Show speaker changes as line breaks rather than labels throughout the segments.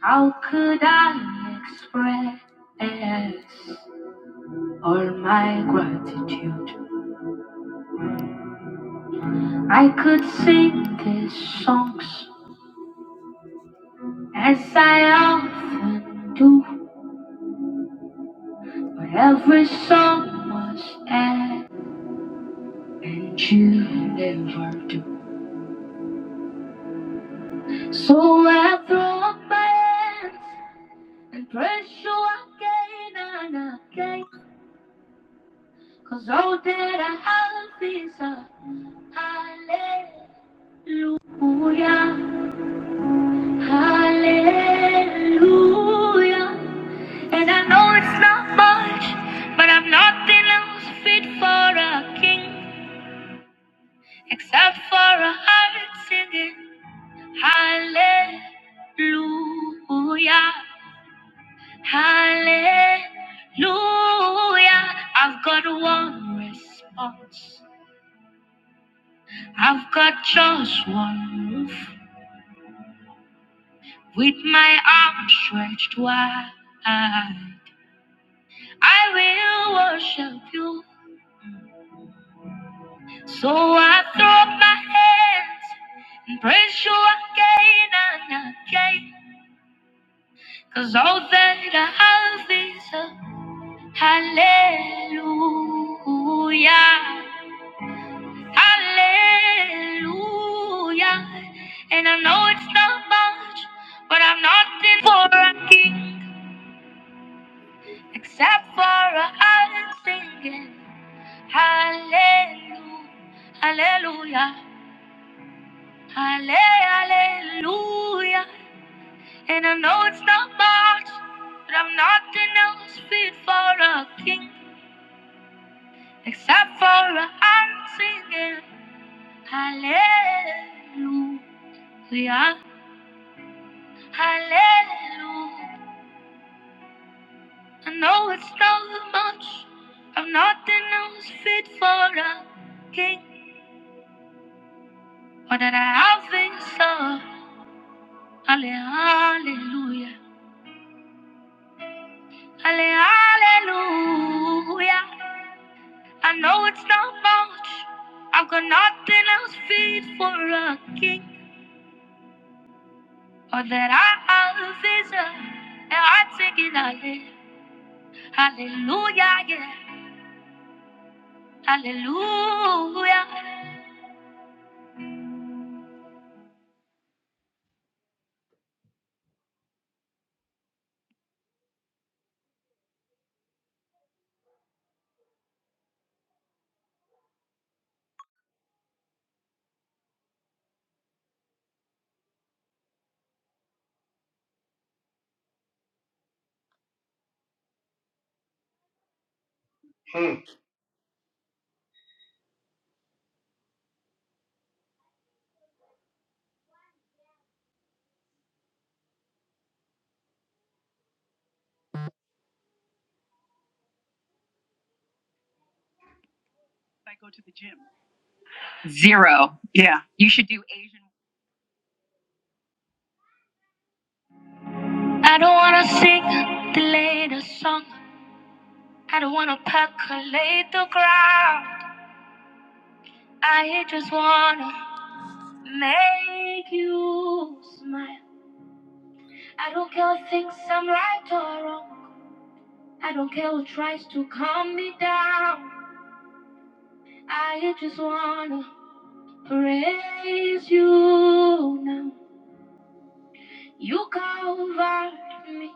How could I express all my gratitude? I could sing these songs as I often do, but every song was air, and you never do. So I throw up my hands and press you again and again, cause all that I have is a hallelujah. Hallelujah. And I know it's not much, but I'm nothing else fit for a king except for a heart singing. Hallelujah. Hallelujah. I've got one response. I've got just one move with my arms stretched wide. I will worship you. So I throw up my hands and praise you again and again. Cause all that I have is a hallelujah. Hallelujah. And I know it's not much, but I'm nothing for a king except for a heart singing. Hallelujah. Hallelujah. Hallelujah. And I know it's not much, but I'm nothing else fit for a king except for a hand singing hallelujah, hallelujah. I know it's not much, I'm nothing else fit for a king. All that I have is a hallelujah, hallelujah, I know it's not much. I've got nothing else fit for a king. All that I have is a, and I take it I live. Hallelujah, yeah. Hallelujah.
Mm.
I don't wanna sing the latest song. I don't wanna percolate the crowd. I just wanna make you smile. I don't care what thinks I'm right or wrong. I don't care who tries to calm me down. I just wanna praise you now. You covered me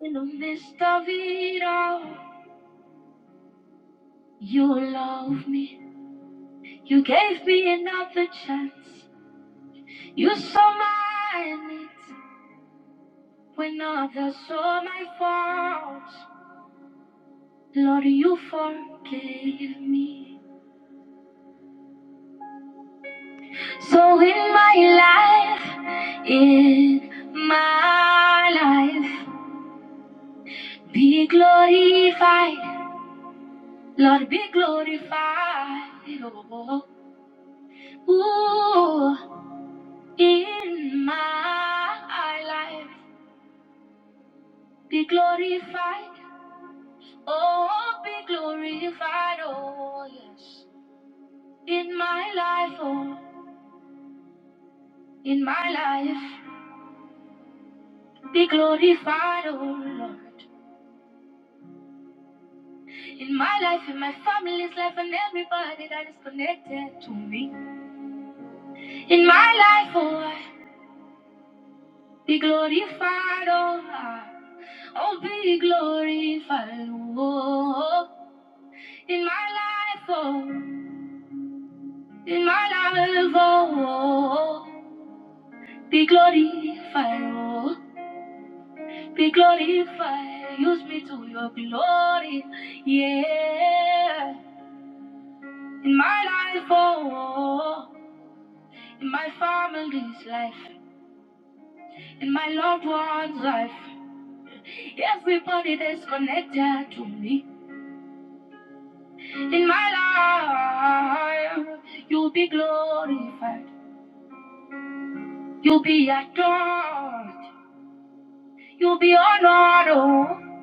in the midst of it all. You love me. You gave me another chance. You saw my needs when others saw my faults. Lord, you forgave me. So in my life, in my life, be glorified. Lord, be glorified oh, ooh, in my life. Be glorified, oh, be glorified, oh, yes. In my life, oh, in my life, be glorified, oh, Lord. In my life, in my family's life, and everybody that is connected to me. In my life, oh, be glorified, oh, Lord. Oh, be glorified, oh, in my life, oh, in my life, oh, be glorified, oh, be glorified, use me to your glory, yeah. In my life, oh, in my family's life, in my loved one's life, everybody that's connected to me, in my life, you'll be glorified. You'll be adored. You'll be honored oh,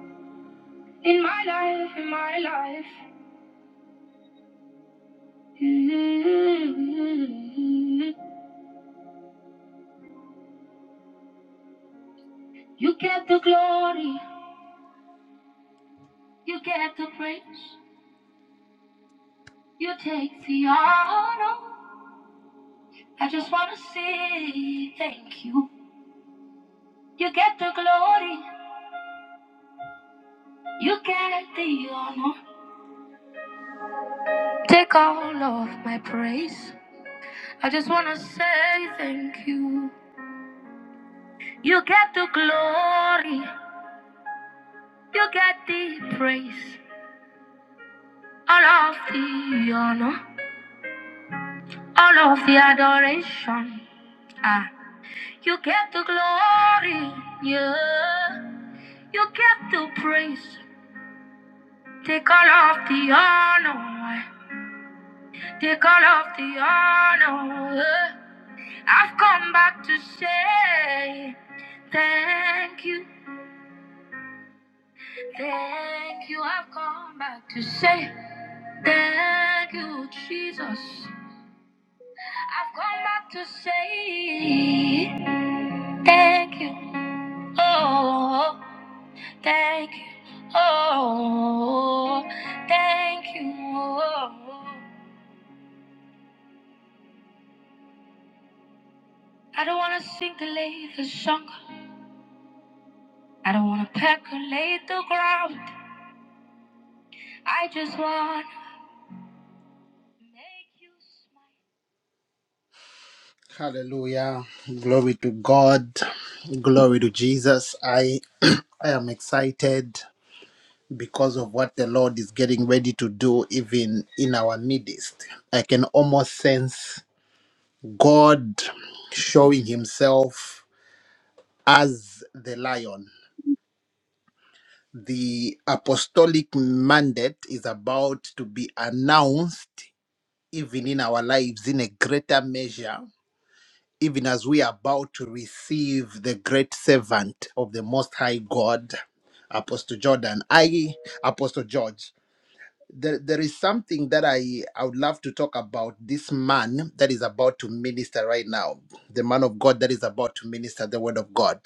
in my life, in my life. Mm. You get the glory. You get the praise. You take the honor. I just wanna say thank you. You get the glory. You get the honor. Take all of my praise. I just wanna say thank you. You get the glory. You get the praise, all of the honor, all of the adoration. Ah, you get the glory, yeah. You get the praise. Take all of the honor, take all of the honor. yeah. I've come back to say thank you, thank you. I've come back to say thank you, Jesus. I've come back to say Thank you. Oh, thank you. Oh, thank you. Oh. I don't wanna sing the latest song. I don't wanna percolate the ground. I just wanna make you smile. Hallelujah. Glory to God. Glory to Jesus. I I am excited because of what the Lord is getting ready to do even in our midst. I can almost sense God showing himself as the lion. The apostolic mandate is about to be announced even in our lives in a greater measure, even as we are about to receive the great servant of the Most High God, Apostle Jordan. I, Apostle George. There, there is something that I, I would love to talk about this man that is about to minister right now, the man of God that is about to minister the word of God.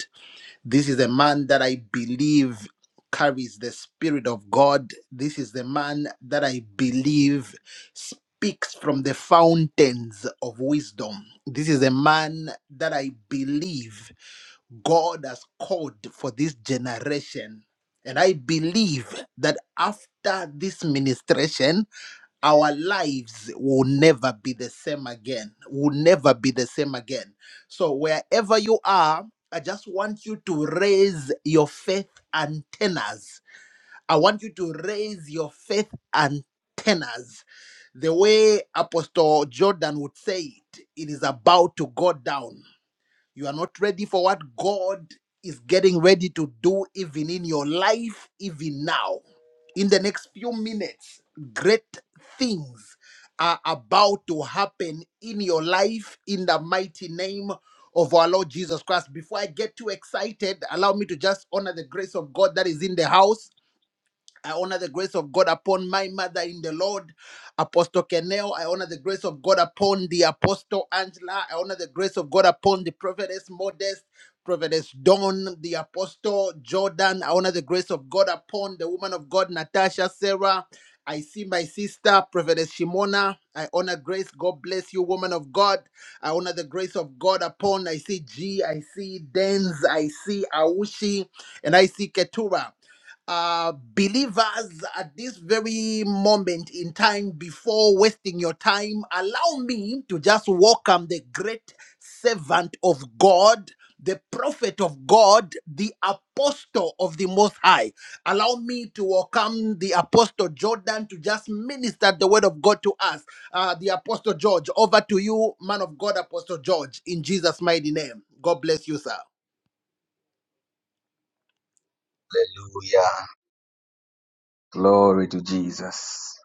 This is the man that I believe carries the Spirit of God. This is the man that I believe speaks from the fountains of wisdom. This is a man that I believe God has called for this generation. And I believe that after this ministration, our lives will never be the same again. Will never be the same again. So, wherever you are, I just want you to raise your faith antennas. I want you to raise your faith antennas. The way Apostle Jordan would say it, it is about to go down. You are not ready for what God is getting ready to do, even in your life, even now. In the next few minutes, great things are about to happen in your life in the mighty name of our Lord Jesus Christ. Before I get too excited, allow me to just honor the grace of God that is in the house I honor the grace of God upon my mother in the Lord, Apostle Kenel. I honor the grace of God upon the Apostle Angela. I honor the grace of God upon the prophetess Modest, prophetess Dawn, the Apostle Jordan. I honor the grace of God upon the woman of God, Natasha Sarah. I see my sister, prophetess Shimona. I honor grace. God bless you, woman of God. I honor the grace of God upon. I see G. I see Denz. I see Aushi. And I see Ketura uh, believers at this very moment in time before wasting your time, allow me to just welcome the great servant of God, the prophet of God, the apostle of the Most High. Allow me to welcome the apostle Jordan to just minister the word of God to us. Uh, the apostle George, over to you, man of God, apostle George, in Jesus' mighty name. God bless you, sir.
Hallelujah. Glory to Jesus.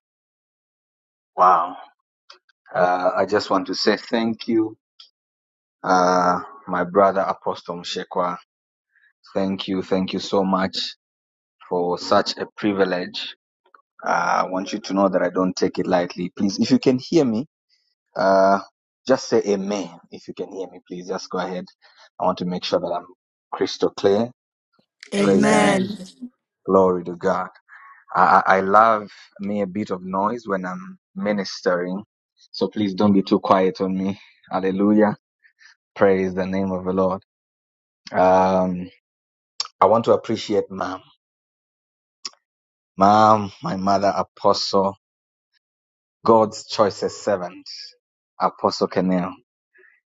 Wow. Uh, I just want to say thank you, uh, my brother Apostle Mshekwa. Thank you. Thank you so much for such a privilege. Uh, I want you to know that I don't take it lightly. Please, if you can hear me, uh, just say amen. If you can hear me, please just go ahead. I want to make sure that I'm crystal clear. Praise the name of
Amen.
Amen.
glory to God. I, I I love me a bit of noise when I'm ministering. So please don't be too quiet on me. Hallelujah. Praise the name of the Lord. Um, I want to appreciate mom. Mom, my mother, apostle, God's choicest servant, apostle Kenel.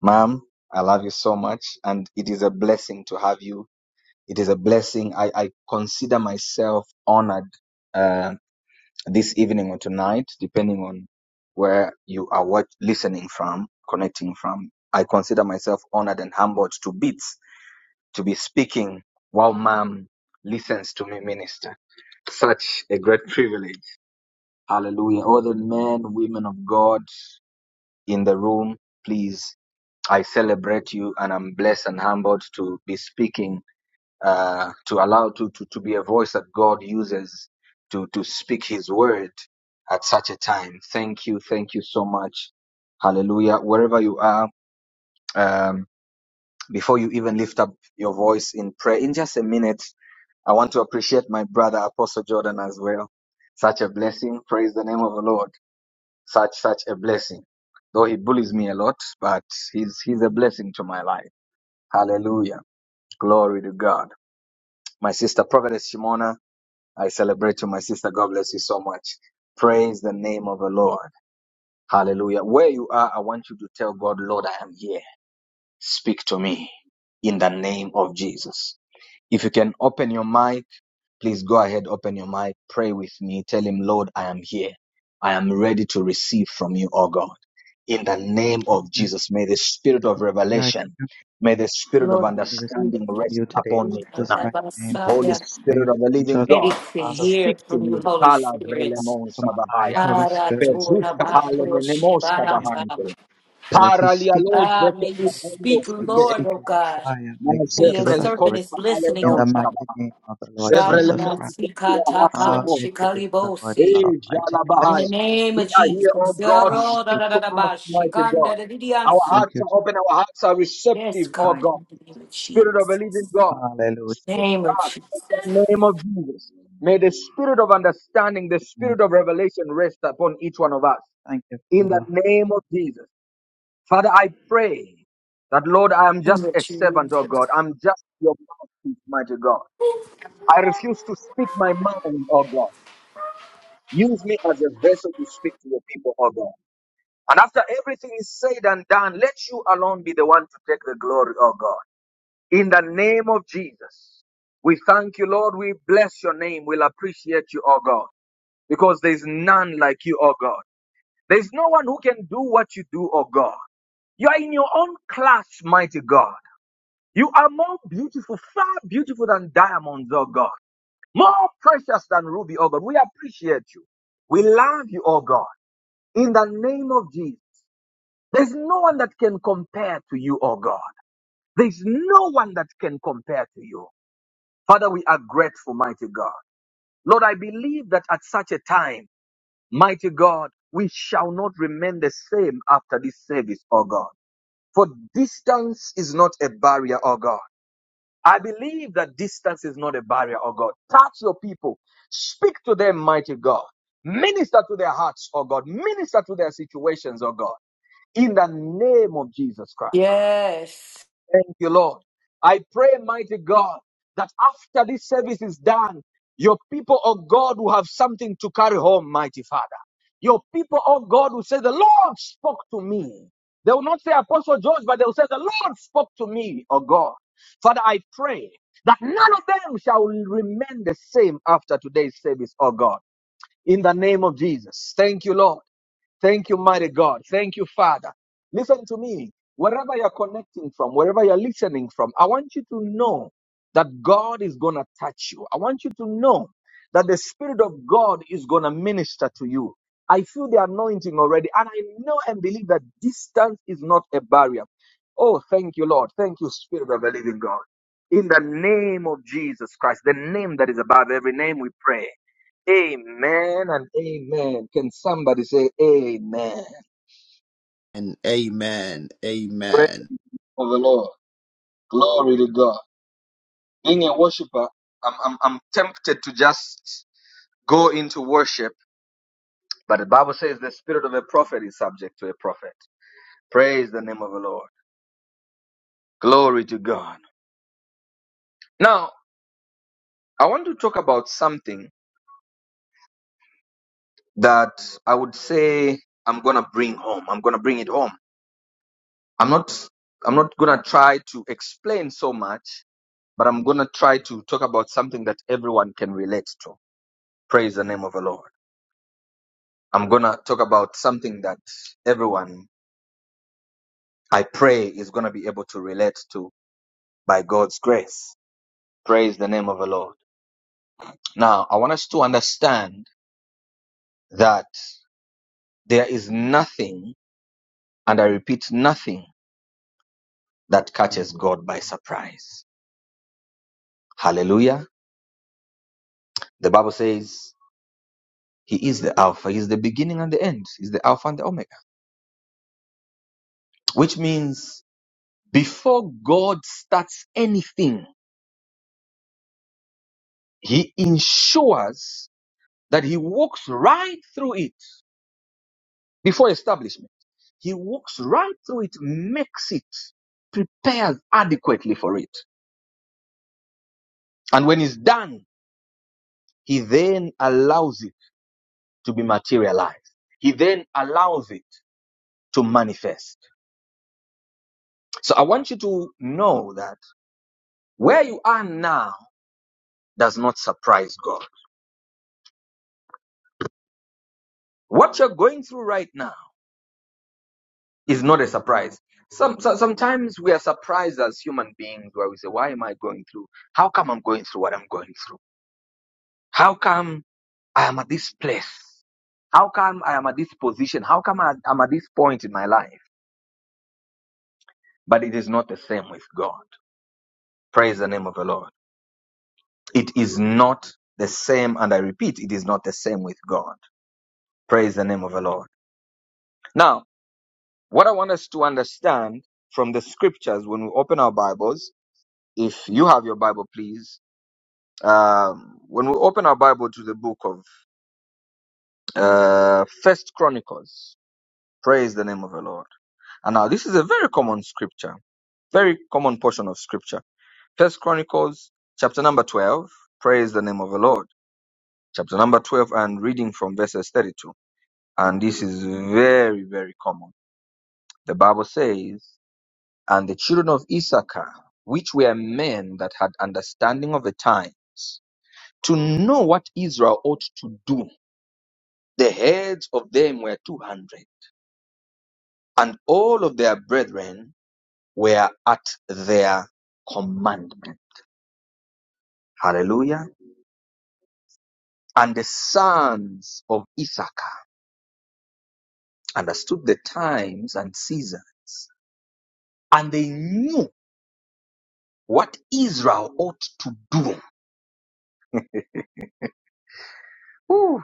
Mom, I love you so much and it is a blessing to have you. It is a blessing. I, I consider myself honored uh, this evening or tonight, depending on where you are watch, listening from, connecting from. I consider myself honored and humbled to bits to be speaking while mom listens to me minister. Such a great privilege. Hallelujah. All the men, women of God in the room, please, I celebrate you and I'm blessed and humbled to be speaking uh, to allow to, to, to be a voice that God uses to, to speak his word at such a time. Thank you. Thank you so much. Hallelujah. Wherever you are, um, before you even lift up your voice in prayer, in just a minute, I want to appreciate my brother Apostle Jordan as well. Such a blessing. Praise the name of the Lord. Such, such a blessing. Though he bullies me a lot, but he's, he's a blessing to my life. Hallelujah. Glory to God. My sister, Prophetess Shimona, I celebrate you, my sister. God bless you so much. Praise the name of the Lord. Hallelujah. Where you are, I want you to tell God, Lord, I am here. Speak to me in the name of Jesus. If you can open your mic, please go ahead, open your mic, pray with me. Tell him, Lord, I am here. I am ready to receive from you, O God. In the name of
Amen.
Jesus, may the spirit of
Hallelujah. I think
revelation,
I'm
may the spirit of
Lord,
going to receive
we
understanding
from
rest
you today in
upon me
Jesus'
tonight.
mighty name.
Holy
are
I am
Spirit of the living
unjust with
ready
God,
my
to
Father,
hear
speak to
from you,
me.
with
Holy
Kala
the
Spirit.
Father
vrelemon
from on high,
sabahaya.
Holy
Bara
Spirit,
tora
Petruska hale
bako
in
menemos
the
shibarata.
name
kabahante.
that as He
Paralia
speaks,
loj
Ah,
veke
may you
kabendo
speak,
may He
sute.
Lord,
speak
oh
with
God,
fire,
Na
may He
for
speak
your
with
zefrele
servant
kosh
authority,
is
bahale
listening,
in the
non
oh God.
mighty
skabaha.
name of the Lord
Zevrele
Jesus
Randa
Christ.
menike kira
sikata kan
hasovo.
Hallelujah to the Lord God
Hey,
shikalibosi.
Almighty.
In the
Jalabahaya.
Bless you,
name
We
of
are here, oh
Jesus.
Father.
God,
Thank
Yaro da
speak
you,
da da
to
da
us,
ba
mighty God.
shikanda da di di
Our
thank
anso.
hearts
you,
are
Jesus.
open, our hearts are receptive,
Yes,
oh
God,
thank
God.
in the
you,
name of
Jesus.
Spirit of a living
Jesus.
God,
Hallelujah.
speak
Name
to
of
us
Jesus.
in the name of Jesus. May the spirit of understanding, the
Amen.
spirit of revelation rest upon each one of us
Thank you,
in the
Father.
name of Jesus. Father, I pray that, Lord, I am just a servant, oh God. I'm just your mouthpiece, mighty God. I refuse to speak my mind, oh God. Use me as a vessel to speak to your people, O God. And after everything is said and done, let you alone be the one to take the glory, O God. In the name of Jesus, we thank you, Lord. We bless your name. We'll appreciate you, O God, because there's none like you, O God. There's no one who can do what you do, O God. You are in your own class, mighty God. You are more beautiful, far beautiful than diamonds, O God. More precious than ruby, O God. We appreciate you. We love you, O God. in the name of Jesus. There's no one that can compare to you, oh God. There's no one that can compare to you. Father, we are grateful, mighty God. Lord, I believe that at such a time, mighty God, we shall not remain the same after this service, oh God. For distance is not a barrier, oh God. I believe that distance is not a barrier, oh God. Touch your people. Speak to them, mighty God. Minister to their hearts, oh God. Minister to their situations, oh God. in the name of Jesus Christ.
Yes.
Thank you, Lord. I pray, mighty God, that after this service is done, your people, oh God, will have something to carry home, mighty Father. Your people, oh God, will say, The Lord spoke to me. They will not say Apostle George, but they will say, The Lord spoke to me, oh God. Father, I pray that none of them shall remain the same after today's service, oh God. In the name of Jesus. Thank you, Lord. Thank you, mighty God. Thank you, Father. Listen to me. Wherever you're connecting from, wherever you're listening from, I want you to know that God is going to touch you. I want you to know that the Spirit of God is going to minister to you. I feel the anointing already, and I know and believe that distance is not a barrier. Oh, thank you, Lord. Thank you, Spirit of the living God. In the name of Jesus Christ, the name that is above every name, we pray. Amen and amen. Can somebody say amen?
And amen.
Praise
Amen.
for the Lord. Glory to God. Being a worshiper, I'm, I'm, I'm tempted to just go into worship, but the Bible says the spirit of a prophet is subject to a prophet. Praise the name of the Lord. Glory to God. Now, I want to talk about something that I would say I'm going to bring home. I'm going to bring it home. I'm not I'm not going to try to explain so much. but I'm going to try to talk about something that everyone can relate to. Praise the name of the Lord. I'm going to talk about something that everyone, I pray, is going to be able to relate to by God's grace. Praise the name of the Lord. Now, I want us to understand that there is nothing, and I repeat, nothing that catches God by surprise. Hallelujah. The Bible says, He is the Alpha, He is the beginning and the end, He's the Alpha and the Omega, which means Before God starts anything, he ensures that he walks right through it before establishment. He walks right through it, makes it, prepares adequately for it. And when it's done, he then allows it to be materialized. He then allows it to manifest. So I want you to know that where you are now does not surprise God. What you're going through right now is not a surprise. Some so, sometimes we are surprised as human beings where we say, "Why am I going through? How come I'm going through what I'm going through? How come I am at this place? How come I am at this position? How come I, I'm at this point in my life?" But it is not the same with God. Praise the name of the Lord. It is not the same, and I repeat, it is not the same with God. Praise the name of the Lord. Now, what I want us to understand from the scriptures when we open our Bibles, if you have your Bible, please Um, when we open our Bible to the book of uh, First Chronicles, praise the name of the Lord. And now this is a very common scripture, very common portion of scripture. First Chronicles, chapter number twelve, praise the name of the Lord. Chapter number twelve, and reading from verses thirty-two. And this is very, very common. The Bible says, "And the children of Issachar, which were men that had understanding of the times, to know what Israel ought to do." The heads of them were two hundred, and all of their brethren were at their commandment. Hallelujah. And the sons of Issachar understood the times and season, and they knew what Israel ought to do. Whew.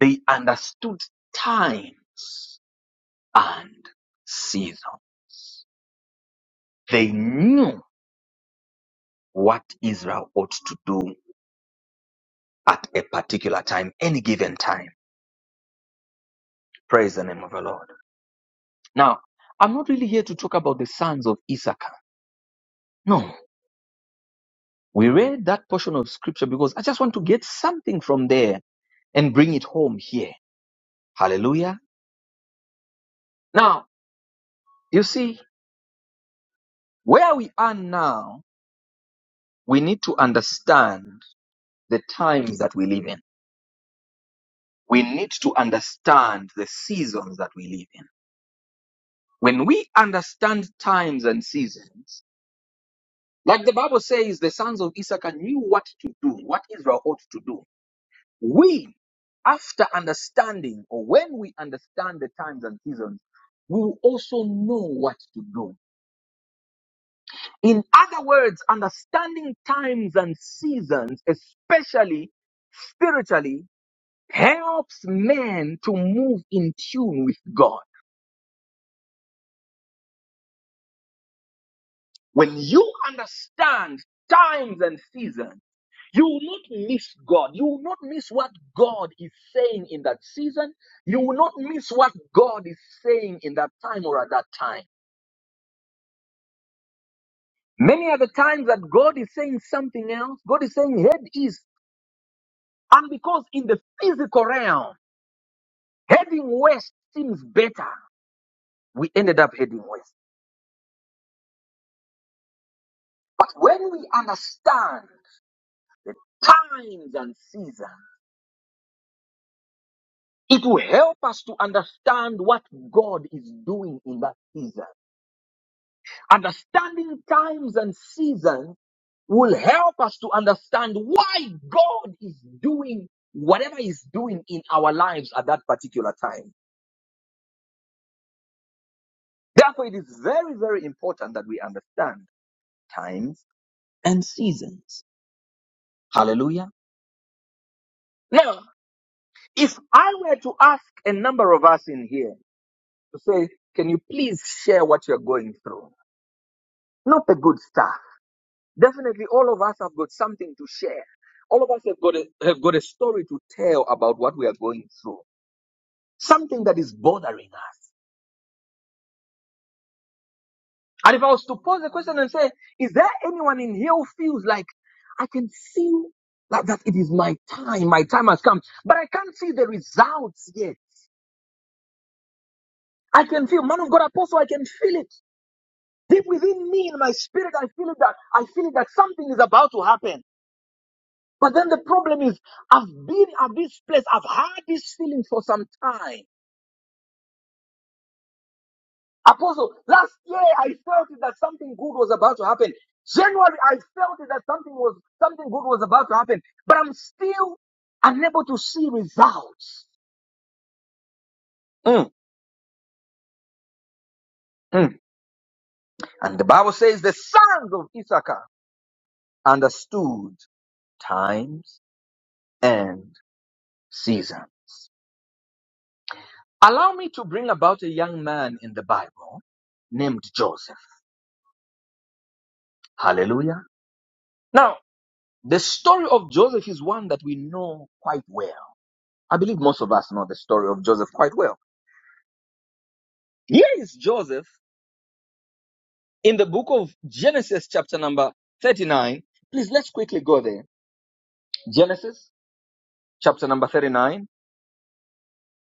They understood times and season. They knew what Israel ought to do at a particular time, any given time. Praise the name of the Lord. Now, I'm not really here to talk about the sons of Issachar. No, we read that portion of scripture because I just want to get something from there and bring it home here. Hallelujah. Now, you see, where we are now, we need to understand the times that we live in. We need to understand the seasons that we live in. When we understand times and seasons, like the Bible says, the sons of Issachar knew what to do, what Israel ought to do. We, after understanding, or when we understand the times and seasons, we will also know what to do. In other words, understanding times and seasons, especially spiritually, helps men to move in tune with God. When you understand times and seasons, you will not miss God. You will not miss what God is saying in that season. You will not miss what God is saying in that time or at that time. Many are the times that God is saying something else. God is saying head east. And because in the physical realm, heading west seems better, we ended up heading west. But when we understand times and seasons, It will help us to understand what God is doing in that season. Understanding times and seasons will help us to understand why God is doing whatever He's doing in our lives at that particular time. Therefore, it is very, very important that we understand times and seasons. Hallelujah. Now, if I were to ask a number of us in here to say, can you please share what you're going through? Not a good start. Definitely, all of us have got something to share. All of us have got a, have got a story to tell about what we are going through, something that is bothering us. And if I was to pose the question and say, is there anyone in here who feels like I can feel like that it is my time, my time has come, but I can't see the results yet. I can feel, man of God, apostle, I can feel it deep within me in my spirit. I feel it that I feel it that something is about to happen. But then the problem is, I've been at this place, I've had this feeling for some time. Apostle, last year I felt it that something good was about to happen. January I felt it that something was something good was about to happen, but I'm still unable to see results. Mm, mm. And the Bible says the sons of Issachar understood times and season. Allow me to bring about a young man in the Bible named Joseph. Hallelujah. Now. The story of Joseph is one that we know quite well. I believe most of us know the story of Joseph quite well. Here is Joseph in the book of Genesis, chapter number 39. Please let's quickly go there. Genesis, chapter number 39.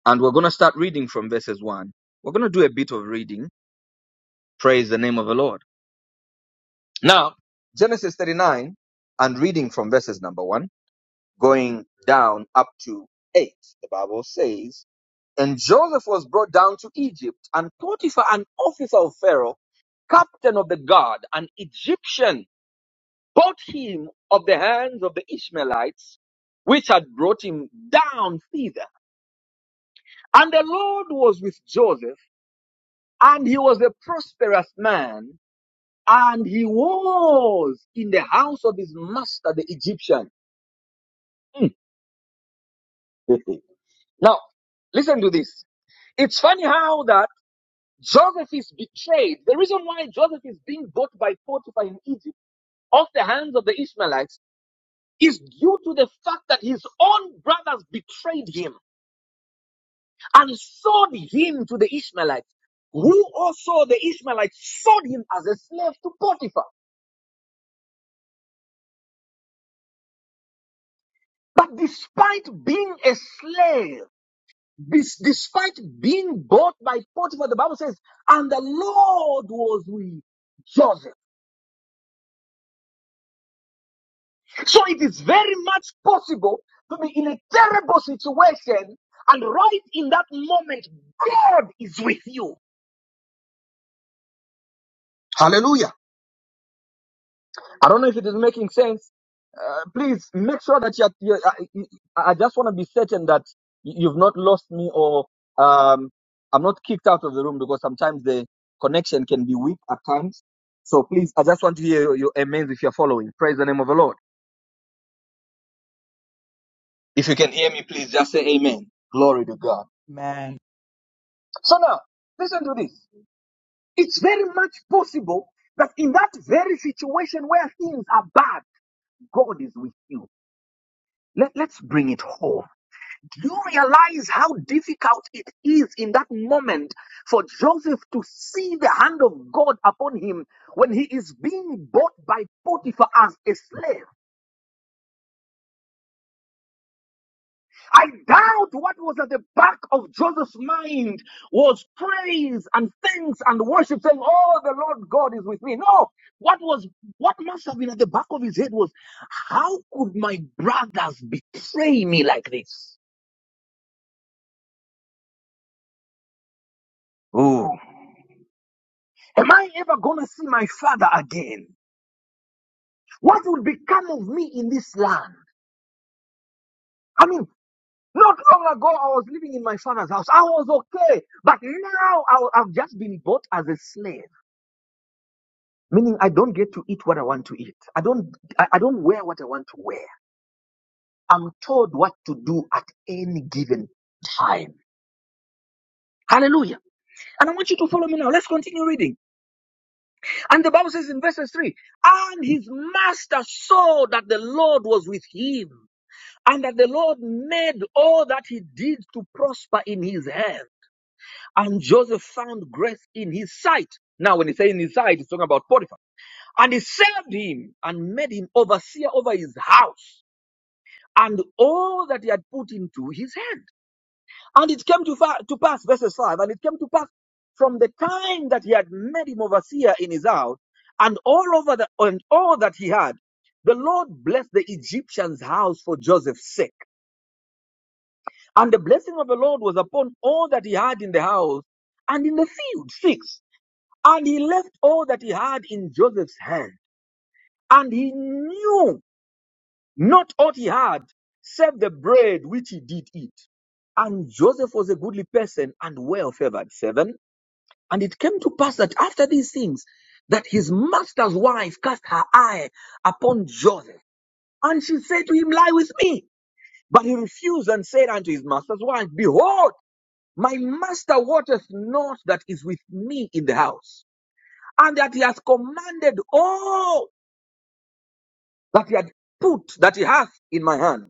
And we're going to start reading from verses 1. We're going to do a bit of reading. Praise the name of the Lord. Now, Genesis 39 and reading from verses number 1, going down up to 8. The Bible says, And Joseph was brought down to Egypt, and Potiphar, an officer of Pharaoh, captain of the guard, an Egyptian, bought him of the hands of the Ishmaelites, which had brought him down thither. And the Lord was with Joseph, and he was a prosperous man, and he was in the house of his master, the Egyptian. Hmm. now, listen to this. It's funny how that. Joseph is betrayed. The reason why Joseph is being bought by Potiphar in Egypt off the hands of the Ishmaelites is due to the fact that his own brothers betrayed him and sold him to the Ishmaelites, who also the Ishmaelites sold him as a slave to Potiphar. But despite being a slave, despite being bought by Potiphar, the Bible says, and the Lord was with Joseph. So it is very much possible to be in a terrible situation, and right in that moment, God is with you. Hallelujah. I don't know if it is making sense. Uh, please make sure that you're, you're I, I just want to be certain that you've not lost me or um, I'm not kicked out of the room because sometimes the connection can be weak at times. So please, I just want to hear your, your amens if you're following. Praise the name of the Lord. If you can hear me, please just say amen. Glory to God.
Man,
So now, listen to this. It's very much possible that in that very situation where things are bad, God is with you. Let, let's bring it home. Do you realize how difficult it is in that moment for Joseph to see the hand of God upon him when he is being bought by Potiphar as a slave? I doubt what was at the back of Joseph's mind was praise and thanks and worship, saying, Oh, the Lord God is with me. No, what was what must have been at the back of his head was how could my brothers betray me like this? Oh, am I ever gonna see my father again? What will become of me in this land? I mean, not long ago I was living in my father's house. I was okay, but now I, I've just been bought as a slave. meaning I don't get to eat what I want to eat. I don't I, I don't wear what I want to wear. I'm told what to do at any given time. Hallelujah. And I want you to follow me now. Let's continue reading. And the Bible says in verses 3 And his master saw that the Lord was with him, and that the Lord made all that he did to prosper in his hand. And Joseph found grace in his sight. Now, when he say in his sight, he's talking about Potiphar. And he served him and made him overseer over his house and all that he had put into his hand. And it came to, fa- to pass, verses 5, and it came to pass from the time that he had made him overseer in his house, and all over the, and all that he had, the Lord blessed the Egyptian's house for Joseph's sake. And the blessing of the Lord was upon all that he had in the house and in the field. Six. And he left all that he had in Joseph's hand. And he knew not aught he had, save the bread which he did eat. And Joseph was a goodly person and well favored. Seven. And it came to pass that after these things, that his master's wife cast her eye upon Joseph. And she said to him, Lie with me. But he refused and said unto his master's wife, Behold, my master wotteth not that is with me in the house, and that he hath commanded all that he had put, that he hath in my hand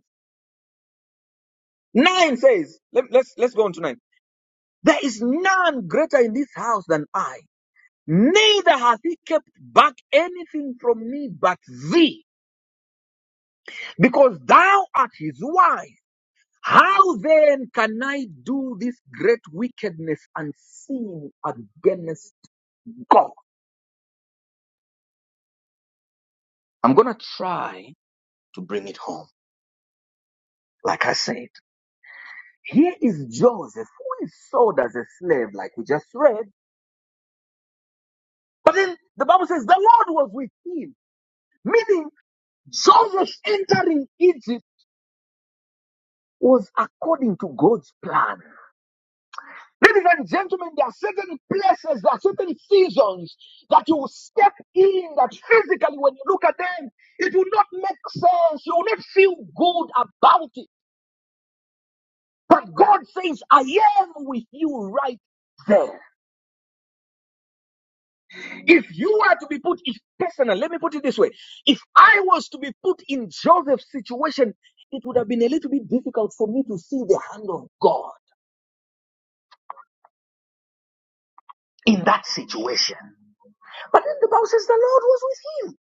Nine says, let, let's let's go on to nine. There is none greater in this house than I. Neither hath he kept back anything from me but thee, because thou art his wife. How then can I do this great wickedness and sin against God? I'm gonna try to bring it home. Like I said, here is Joseph who is sold as a slave, like we just read. But then the Bible says the Lord was with him, meaning Joseph entering Egypt was according to God's plan. Ladies and gentlemen, there are certain places, there are certain seasons that you will step in that physically, when you look at them, it will not make sense. You will not feel good about it. But God says, I am with you right there. If you are to be put, if personal, let me put it this way. If I was to be put in Joseph's situation, it would have been a little bit difficult for me to see the hand of God. in that situation. But then the Bible says the Lord was with him.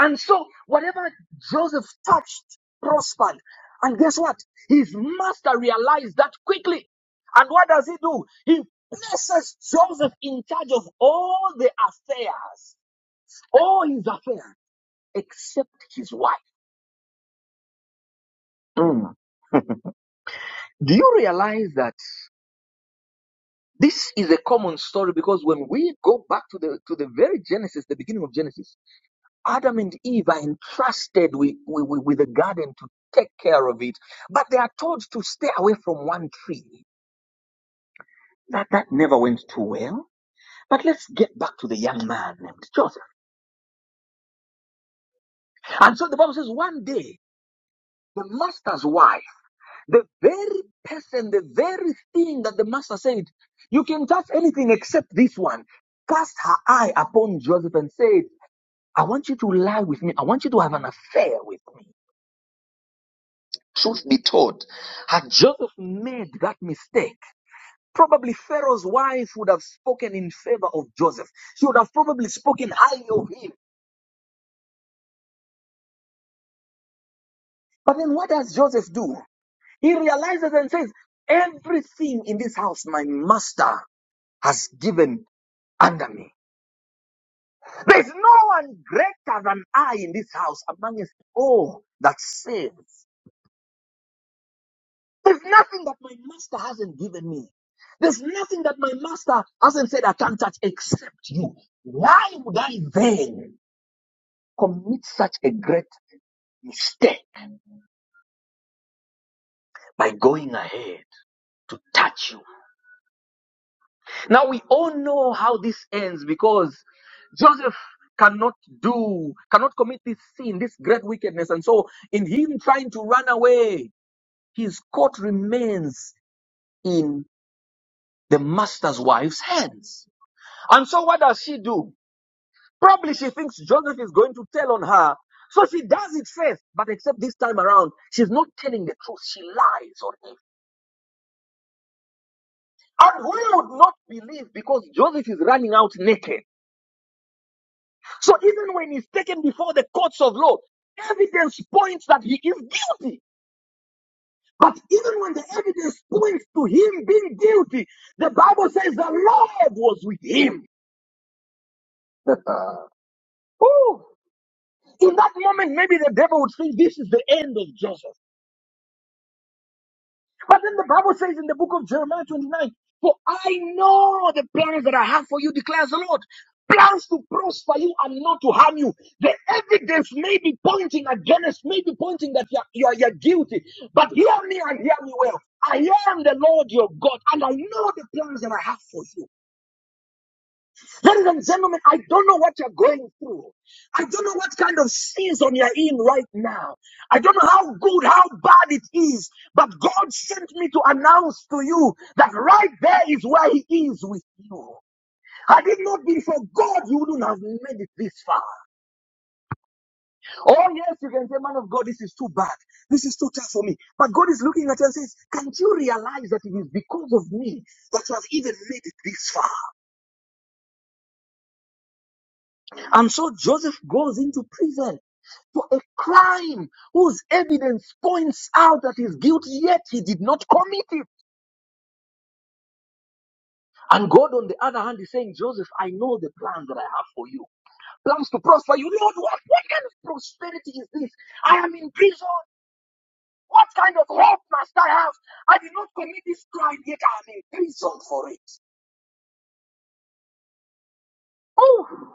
And so whatever Joseph touched prospered. And guess what? His master realized that quickly. And what does he do? He places Joseph in charge of all the affairs, all his affairs, except his wife. Mm. Do you realize that this is a common story? Because when we go back to the to the very Genesis, the beginning of Genesis, Adam and Eve are entrusted with, with, with the garden to take care of it, but they are told to stay away from one tree. That, that never went too well. But let's get back to the young man named Joseph. And so the Bible says one day, the master's wife, the very person, the very thing that the master said, you can touch anything except this one, cast her eye upon Joseph and said, I want you to lie with me. I want you to have an affair with me. Truth be told, had Joseph made that mistake, probably Pharaoh's wife would have spoken in favor of Joseph. She would have probably spoken highly of him. But then what does Joseph do? He realizes and says, Everything in this house my master has given under me. There's no one greater than I in this house among us all that saves. There's nothing that my master hasn't given me. There's nothing that my master hasn't said I can't touch except you. Why would I then commit such a great mistake by going ahead to touch you? Now we all know how this ends because Joseph cannot do, cannot commit this sin, this great wickedness. And so in him trying to run away, his coat remains in the master's wife's hands. And so what does she do? Probably she thinks Joseph is going to tell on her. So she does it first, but except this time around, she's not telling the truth. She lies on him. And we would not believe because Joseph is running out naked. So even when he's taken before the courts of law, evidence points that he is guilty. But even when the evidence points to him being guilty, the Bible says the Lord was with him. Ooh. In that moment, maybe the devil would think this is the end of Joseph. But then the Bible says in the book of Jeremiah 29, For I know the plans that I have for you, declares the Lord. Plans to prosper you and not to harm you. The evidence may be pointing against, may be pointing that you are, you are, you are guilty. But hear me and hear me well. I am the Lord your God, and I know the plans that I have for you. Ladies and gentlemen, I don't know what you're going through. I don't know what kind of season you're in right now. I don't know how good, how bad it is, but God sent me to announce to you that right there is where He is with you. Had it not been for God, you wouldn't have made it this far. Oh, yes, you can say, man of God, this is too bad. This is too tough for me. But God is looking at you and says, can't you realize that it is because of me that you have even made it this far? And so Joseph goes into prison. for a crime whose evidence points out that he's guilty, yet he did not commit it. And God, on the other hand, is saying, Joseph, I know the plans that I have for you. Plans to prosper you. Lord, what, what kind of prosperity is this? I am in prison. What kind of hope must I have? I did not commit this crime, yet I am in prison for it. Oh.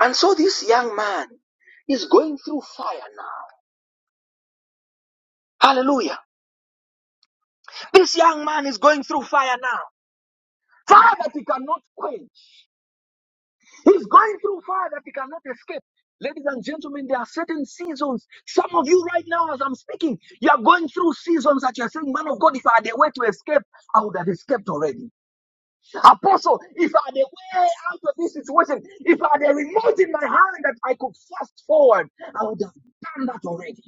And so this young man is going through fire now. Hallelujah. This young man is going through fire now. Fire that he cannot quench. He's going through fire that he cannot escape. Ladies and gentlemen, there are certain seasons. Some of you right now, as I'm speaking, you are going through seasons that you're saying, Man of God, if I had a way to escape, I would have escaped already. Apostle, if I had a way out of this situation, if I had a remote in my hand that I could fast forward, I would have done that already.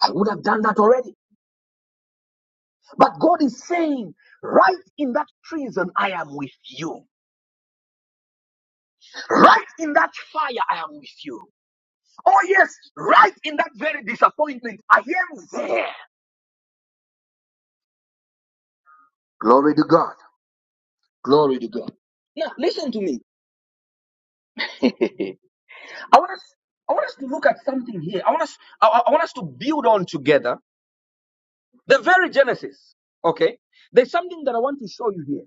I would have done that already. But God is saying, Right in that prison, I am with you. Right in that fire, I am with you. Oh, yes, right in that very disappointment, I am there. Glory to God. Glory to God. Now, listen to me. I want us, I want us to look at something here. I want us, I, I want us to build on together the very Genesis. Okay. There's something that I want to show you here.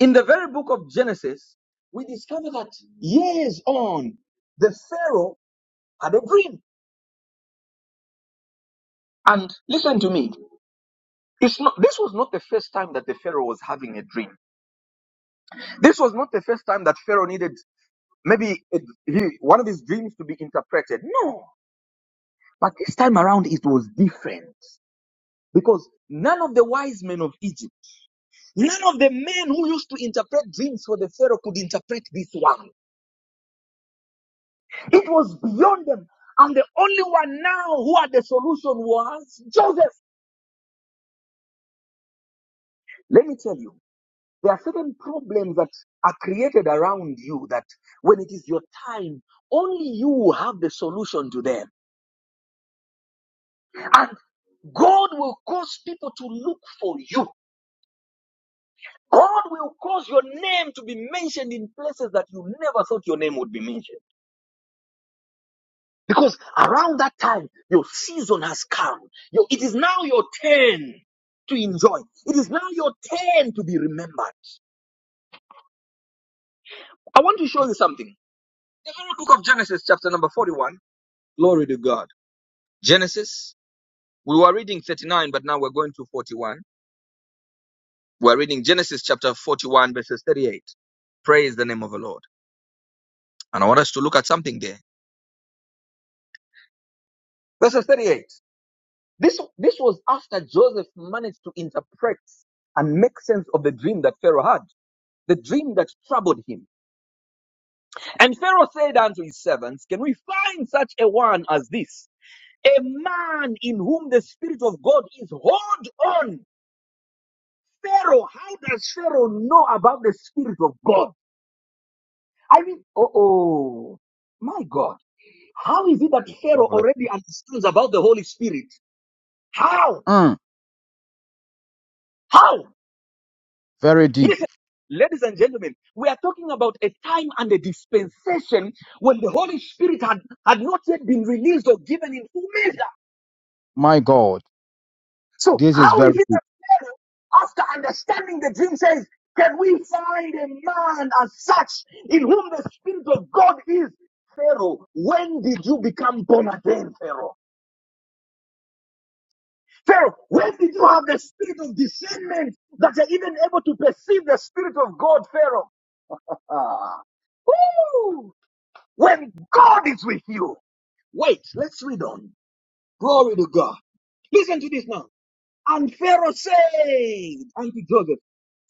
In the very book of Genesis, we discover that years on, the Pharaoh had a dream. And listen to me. It's not, this was not the first time that the Pharaoh was having a dream. This was not the first time that Pharaoh needed Maybe it, he, one of his dreams to be interpreted. No. But this time around, it was different. Because none of the wise men of Egypt, none of the men who used to interpret dreams for the Pharaoh could interpret this one. It was beyond them. And the only one now who had the solution was Joseph. Let me tell you, there are certain problems that are created around you that when it is your time, only you have the solution to them. And God will cause people to look for you. God will cause your name to be mentioned in places that you never thought your name would be mentioned. Because around that time, your season has come. Your, it is now your turn to enjoy. It is now your turn to be remembered. I want to show you something. The whole book of Genesis, chapter number 41. Glory to God. Genesis, we were reading 39, but now we're going to 41. We're reading Genesis chapter 41, verses 38. Praise the name of the Lord. And I want us to look at something there. Verses 38. This, this was after Joseph managed to interpret and make sense of the dream that Pharaoh had, the dream that troubled him. And Pharaoh said unto his servants, Can we find such a one as this? A man in whom the Spirit of God is. Hold on. Pharaoh, how does Pharaoh know about the Spirit of God? I mean, oh, oh, my God. How is it that
God
Pharaoh
bless you.
already understands about the Holy Spirit? How?
Mm,
How?
very deep.
Yes, Ladies and gentlemen, we are talking about a time and a dispensation when the Holy Spirit had, had not yet been released or given in full measure.
My God,
So,
this is
how
very
is it
deep.
that Pharaoh, after understanding the dream, says, Can we find a man as such in whom the Spirit of God is? Pharaoh, when did you become born again, Pharaoh? Pharaoh, when did you have the spirit of discernment that you're even able to perceive the Spirit of God, Pharaoh? Ah. Woo! When God is with you. Wait, let's read on. Glory to God. Listen to this now. And Pharaoh said unto Joseph,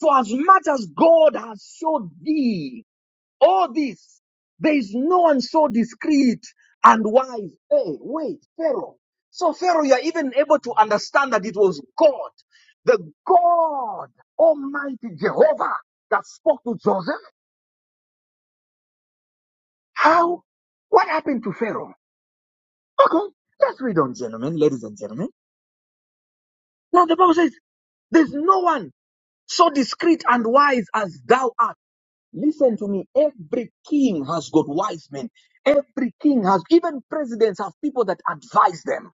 For as much as God has showed thee all this, there is no one so discreet and wise. Hey, wait, Pharaoh. So Pharaoh, you are even able to understand that it was God, the God Almighty Jehovah that spoke to Joseph. How? What happened to Pharaoh? Okay, let's read on, gentlemen, ladies and gentlemen. Now the Bible says, There's no one so discreet and wise as thou art. Listen to me. Every king has got wise men. Every king has, even presidents have people that advise them.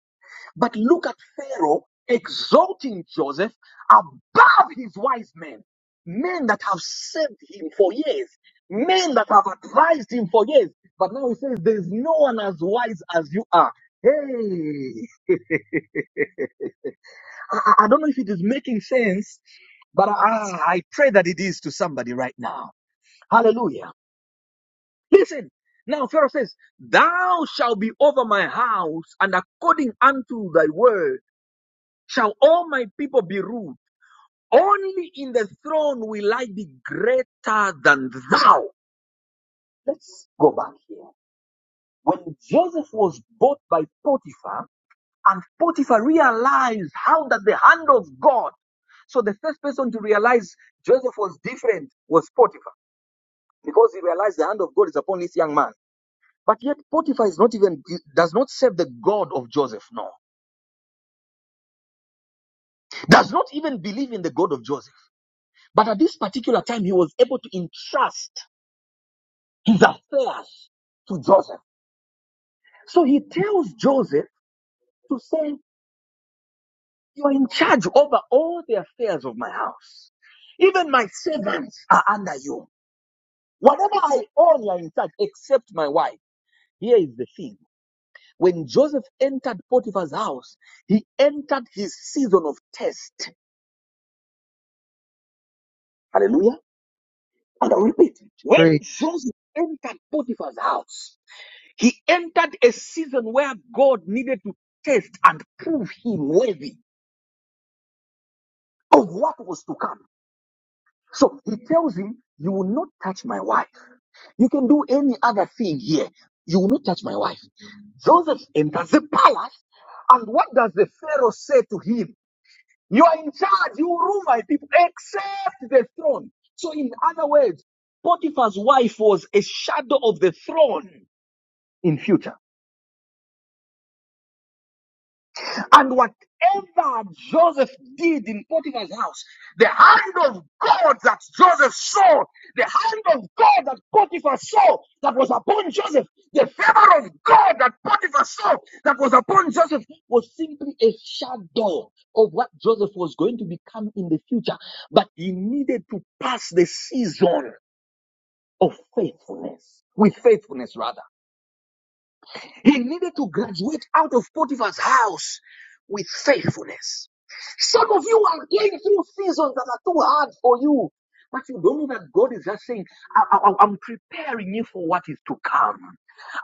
But look at Pharaoh exalting Joseph above his wise men. Men that have served him for years. Men that have advised him for years. But now he says, There's no one as wise as you are. Hey, I, I don't know if it is making sense, but I I pray that it is to somebody right now. Hallelujah. Listen. Now Pharaoh says, Thou shalt be over my house, and according unto thy word shall all my people be ruled. Only in the throne will I be greater than thou. Let's go back here. When Joseph was bought by Potiphar, And Potiphar realized how that the hand of God. So the first person to realize Joseph was different was Potiphar because he realized the hand of God is upon this young man. But yet Potiphar is not even does not serve the God of Joseph. No, does not even believe in the God of Joseph. But at this particular time, he was able to entrust his affairs to Joseph. So he tells Joseph to say, "You are in charge over all the affairs of my house." Even my servants are under you. Whatever I own, you are in charge, except my wife. Here is the thing. When Joseph entered Potiphar's house, he entered his season of test. Hallelujah. And I'll
Preach,
repeat. When Joseph entered Potiphar's house, he entered a season where God needed to test and prove him worthy of what was to come. So he tells him, You will not touch my wife. You can do any other thing here. You will not touch my wife. Joseph enters the palace, and what does the Pharaoh say to him? You are in charge, you will rule my people, except the throne. So, in other words, Potiphar's wife was a shadow of the throne in future. And whatever Joseph did in Potiphar's house, the hand of God that Joseph saw, the hand of God that Potiphar saw that was upon Joseph, the favor of God that Potiphar saw that was upon Joseph was simply a shadow of what Joseph was going to become in the future. But he needed to pass the season of faithfulness, with faithfulness rather. He needed to graduate out of Potiphar's house with faithfulness. Some of you are going through seasons that are too hard for you. But you don't know that God is just saying, I, I, I'm preparing you for what is to come.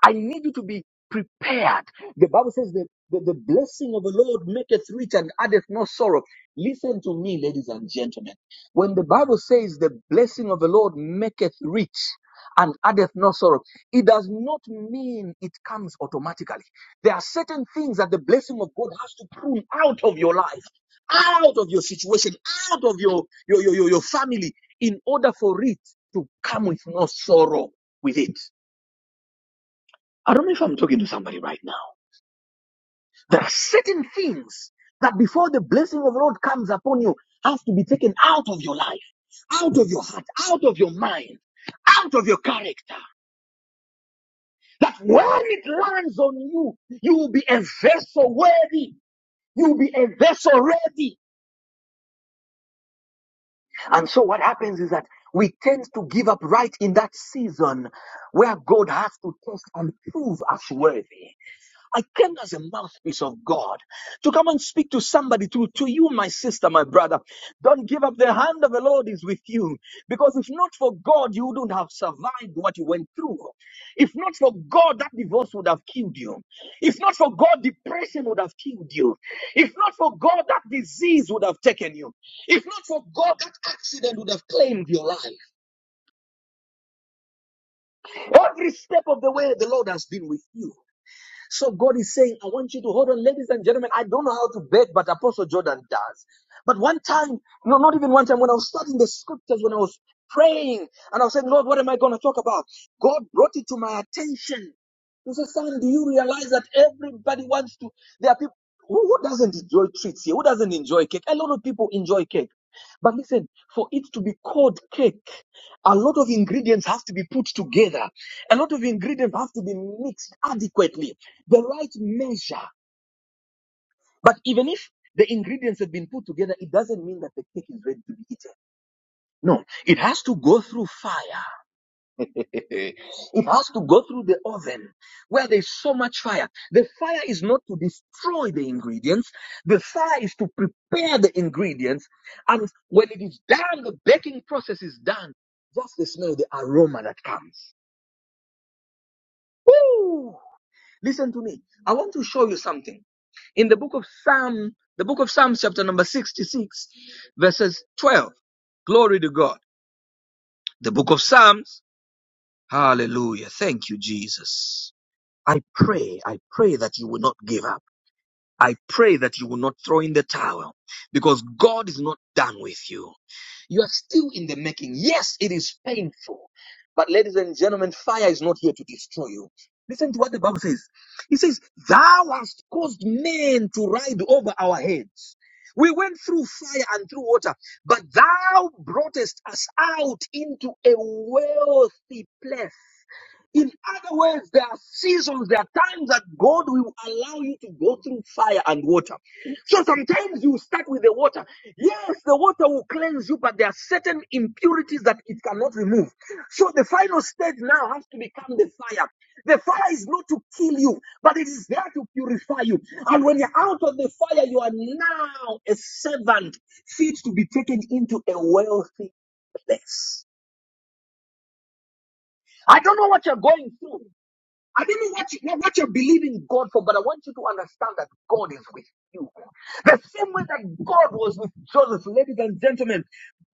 I need you to be prepared. The Bible says that the, the blessing of the Lord maketh rich and addeth no sorrow. Listen to me, ladies and gentlemen. When the Bible says the blessing of the Lord maketh rich and addeth no sorrow, it does not mean it comes automatically. There are certain things that the blessing of God has to prune out of your life out of your situation, out of your, your, your, your, family, in order for it to come with no sorrow with it. I don't know if I'm talking to somebody right now. There are certain things that before the blessing of the Lord comes upon you has to be taken out of your life, out of your heart, out of your mind, out of your character. That when it lands on you, you will be a vessel worthy. You will be a vessel ready. And so what happens is that we tend to give up right in that season where God has to test and prove us worthy. I came as a mouthpiece of God to come and speak to somebody, to, to you, my sister, my brother. Don't give up. The hand of the Lord is with you. Because if not for God, you wouldn't have survived what you went through. If not for God, that divorce would have killed you. If not for God, depression would have killed you. If not for God, that disease would have taken you. If not for God, that accident would have claimed your life. Every step of the way, the Lord has been with you. So God is saying, I want you to hold on, ladies and gentlemen. I don't know how to bet, but Apostle Jordan does. But one time, no, not even one time, when I was studying the scriptures, when I was praying, and I was saying, Lord, what am I going to talk about? God brought it to my attention. He said, Son, do you realize that everybody wants to? There are people who, who doesn't enjoy treats here, who doesn't enjoy cake? A lot of people enjoy cake. But listen, for it to be called cake, a lot of ingredients have to be put together. A lot of ingredients have to be mixed adequately, the right measure. But even if the ingredients have been put together, it doesn't mean that the cake is ready to be eaten. No, it has to go through fire. Eh, It has to go through the oven where there's so much fire. The fire is not to destroy the ingredients, the fire is to prepare the ingredients. And when it is done, the baking process is done. Just the smell, the aroma that comes. Ooh, listen to me. I want to show you something. In the book of Psalm, the book of Psalms, chapter number 66, verses 12. Glory to God. The book of Psalms. Hallelujah. Thank you, Jesus. I pray, I pray that you will not give up. I pray that you will not throw in the towel because God is not done with you. You are still in the making. Yes, it is painful. But ladies and gentlemen, fire is not here to destroy you. Listen to what the Bible says. It says, Thou hast caused men to ride over our heads. We went through fire and through water, but thou broughtest us out into a wealthy place. In other words, there are seasons, there are times that God will allow you to go through fire and water. So sometimes you start with the water. Yes, the water will cleanse you, but there are certain impurities that it cannot remove. So the final stage now has to become the fire. The fire is not to kill you, but it is there to purify you. And when you're out of the fire, you are now a servant fit to be taken into a wealthy place. I don't know what you're going through. I don't know what, you, what you're believing God for, but I want you to understand that God is with you. The same way that God was with Joseph, ladies and gentlemen,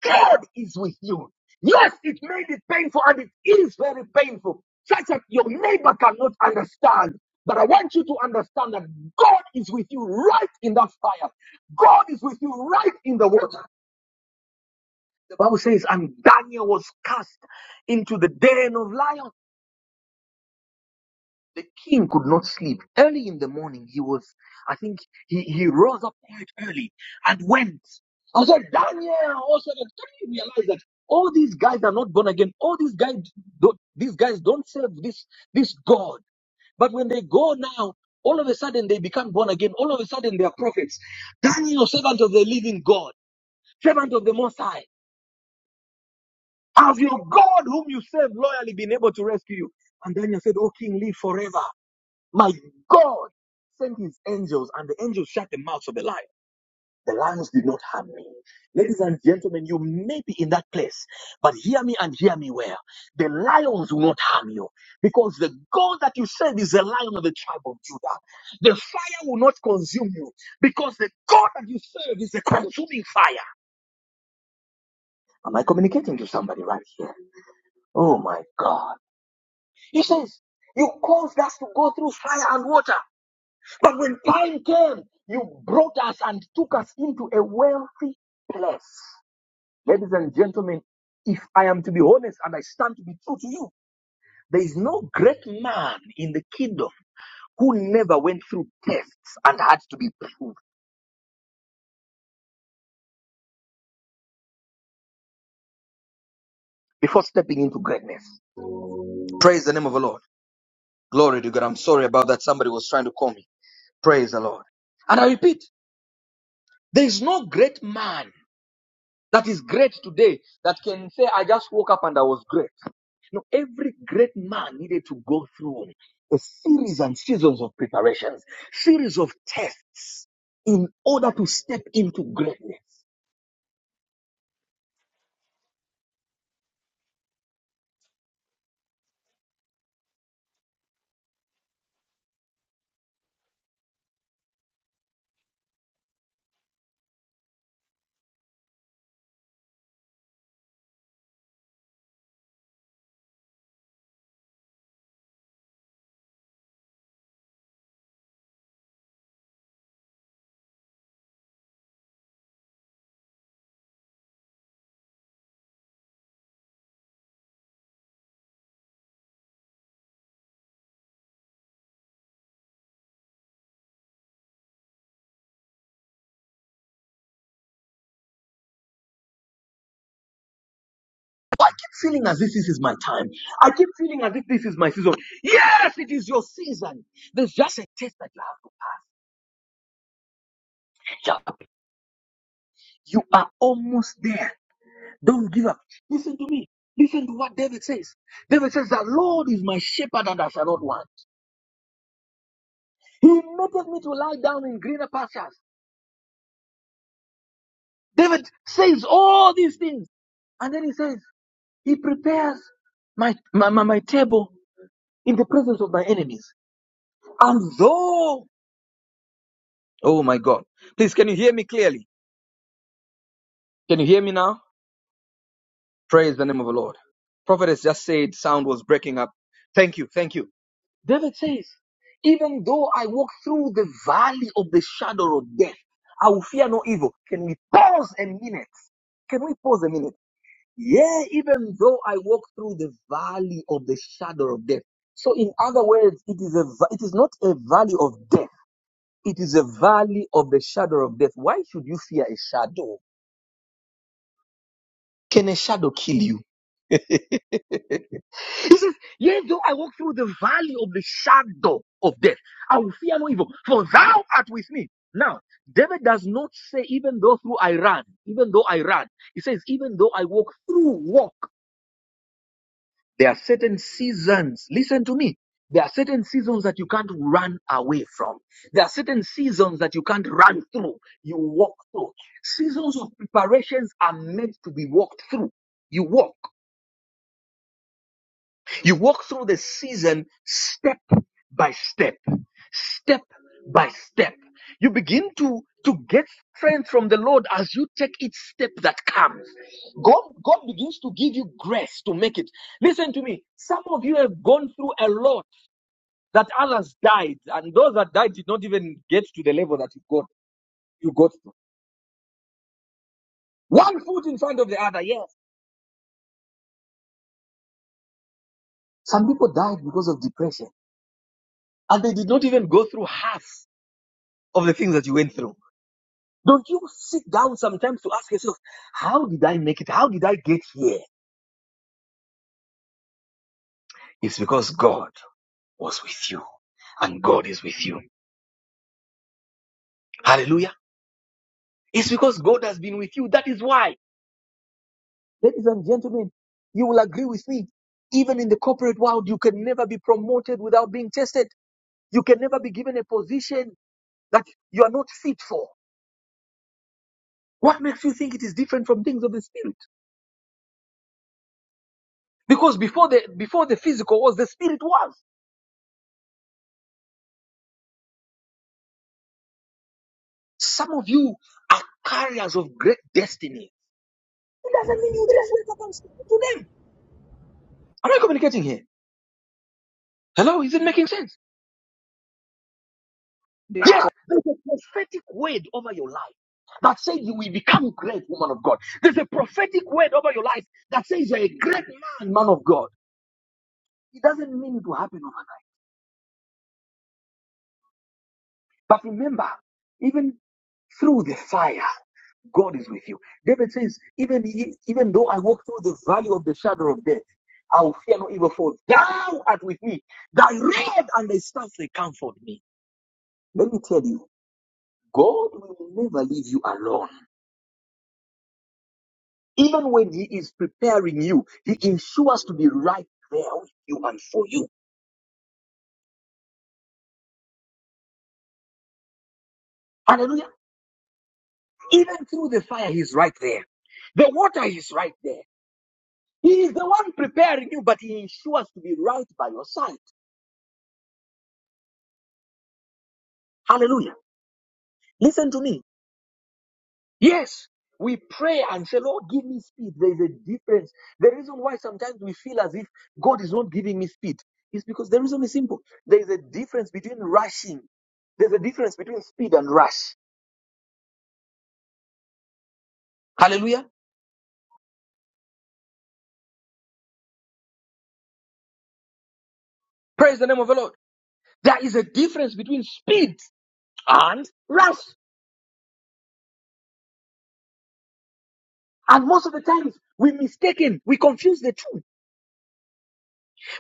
God is with you. Yes, it may be painful and it is very painful, such that your neighbor cannot understand. But I want you to understand that God is with you right in that fire. God is with you right in the water. The Bible says, and Daniel was cast into the den of lions. The king could not sleep. Early in the morning, he was, I think, he, he rose up quite early and went. I said, Daniel, also, don't you realize that all these guys are not born again? All these guys, don't, these guys don't serve this, this God. But when they go now, all of a sudden they become born again. All of a sudden they are prophets. Daniel, servant of the living God, servant of the Most High, have your God whom you serve loyally been able to rescue you? And Daniel said, Oh, King, live forever. My God sent his angels, and the angels shut the mouths of the lion. The lions did not harm me. Ladies and gentlemen, you may be in that place, but hear me and hear me well. The lions will not harm you because the God that you serve is the lion of the tribe of Judah. The fire will not consume you because the God that you serve is the consuming fire. Am I communicating to somebody right here? Oh my God. He says, You caused us to go through fire and water. But when time came, you brought us and took us into a wealthy place. Ladies and gentlemen, if I am to be honest and I stand to be true to you, there is no great man in the kingdom who never went through tests and had to be proved before stepping into greatness. Praise the name of the Lord. Glory to God. I'm sorry about that. Somebody was trying to call me. Praise the Lord. And I repeat, there is no great man that is great today that can say, I just woke up and I was great. No, every great man needed to go through a series and seasons of preparations, series of tests in order to step into greatness. I keep feeling as if this is my time. I keep feeling as if this is my season. Yes, it is your season. There's just a test that you have to catch up. You are almost there. Don't give up. Listen to me. Listen to what David says. David says, The Lord is my shepherd and I shall not want. He maketh me to lie down in greener pastures. David says all these things. And then he says, He prepares my, my, my, my table in the presence of my enemies. And though, oh my God, please, can you hear me clearly? Can you hear me now? Praise the name of the Lord. Prophetess just said sound was breaking up. Thank you, thank you. David says, Even though I walk through the valley of the shadow of death, I will fear no evil. Can we pause a minute? Can we pause a minute? Yeah, even though I walk through the valley of the shadow of death. So in other words, it is a va- it is not a valley of death. It is a valley of the shadow of death. Why should you fear a shadow? Can a shadow kill you? Yea, though I walk through the valley of the shadow of death, I will fear no evil, for thou art with me. Now, David does not say, even though through I ran, even though I ran. He says, even though I walk through, walk. There are certain seasons. Listen to me. There are certain seasons that you can't run away from. There are certain seasons that you can't run through. You walk through. Seasons of preparations are meant to be walked through. You walk. You walk through the season step by step, step by step. You begin to, to get strength from the Lord as you take each step that comes. God, God begins to give you grace to make it. Listen to me. Some of you have gone through a lot that others died, and those that died did not even get to the level that you got, you got to. One foot in front of the other, yes. Some people died because of depression, and they did not even go through half of the things that you went through. Don't you sit down sometimes to ask yourself, how did I make it? How did I get here? It's because God was with you and God is with you. Hallelujah. It's because God has been with you. That is why, ladies and gentlemen, you will agree with me. Even in the corporate world, you can never be promoted without being tested. You can never be given a position that you are not fit for. What makes you think it is different from things of the spirit? Because before the, before the physical was, the spirit was. Some of you are carriers of great destiny. It doesn't mean you just wake up and speak to them. Am I communicating here? Hello, is it making sense? Yes, there's a prophetic word over your life that says you will become great, woman of God. There's a prophetic word over your life that says you're a great man, man of God. It doesn't mean it will happen overnight. But remember, even through the fire. God is with you. David says, even, even though I walk through the valley of the shadow of death, I will fear no evil, for thou art with me. Thy rod and thy staff, they comfort me. Let me tell you, God will never leave you alone. Even when he is preparing you, he ensures to be right there with you and for you. Hallelujah. Even through the fire, he's right there. The water is right there. He is the one preparing you, but he ensures to be right by your side. Hallelujah. Listen to me. Yes, we pray and say, Lord, give me speed. There is a difference. The reason why sometimes we feel as if God is not giving me speed is because the reason is simple. There is a difference between rushing. There's a difference between speed and rush. Hallelujah. Praise the name of the Lord. There is a difference between speed and rush. And most of the times we mistaken, we confuse the two.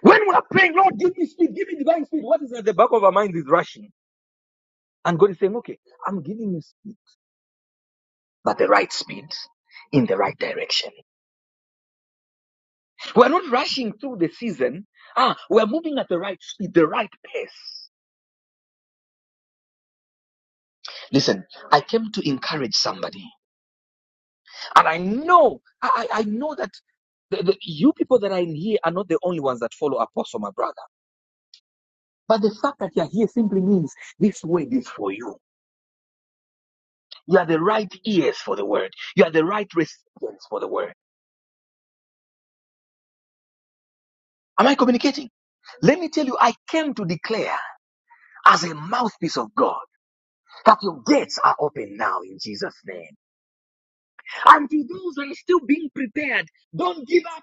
When we are praying, Lord, give me speed, give me divine speed. What is at the back of our mind is rushing. And God is saying, okay, I'm giving you speed. but the right speed in the right direction. We're not rushing through the season. Ah, we're moving at the right speed, the right pace. Listen, I came to encourage somebody. And I know, I, I know that the, the, you people that are in here are not the only ones that follow Apostle, my brother. But the fact that you're here simply means this word is for you. You are the right ears for the word. You are the right recipients for the word. Am I communicating? Let me tell you, I came to declare as a mouthpiece of God. That your gates are open now in Jesus' name. And to those that are still being prepared, don't give up.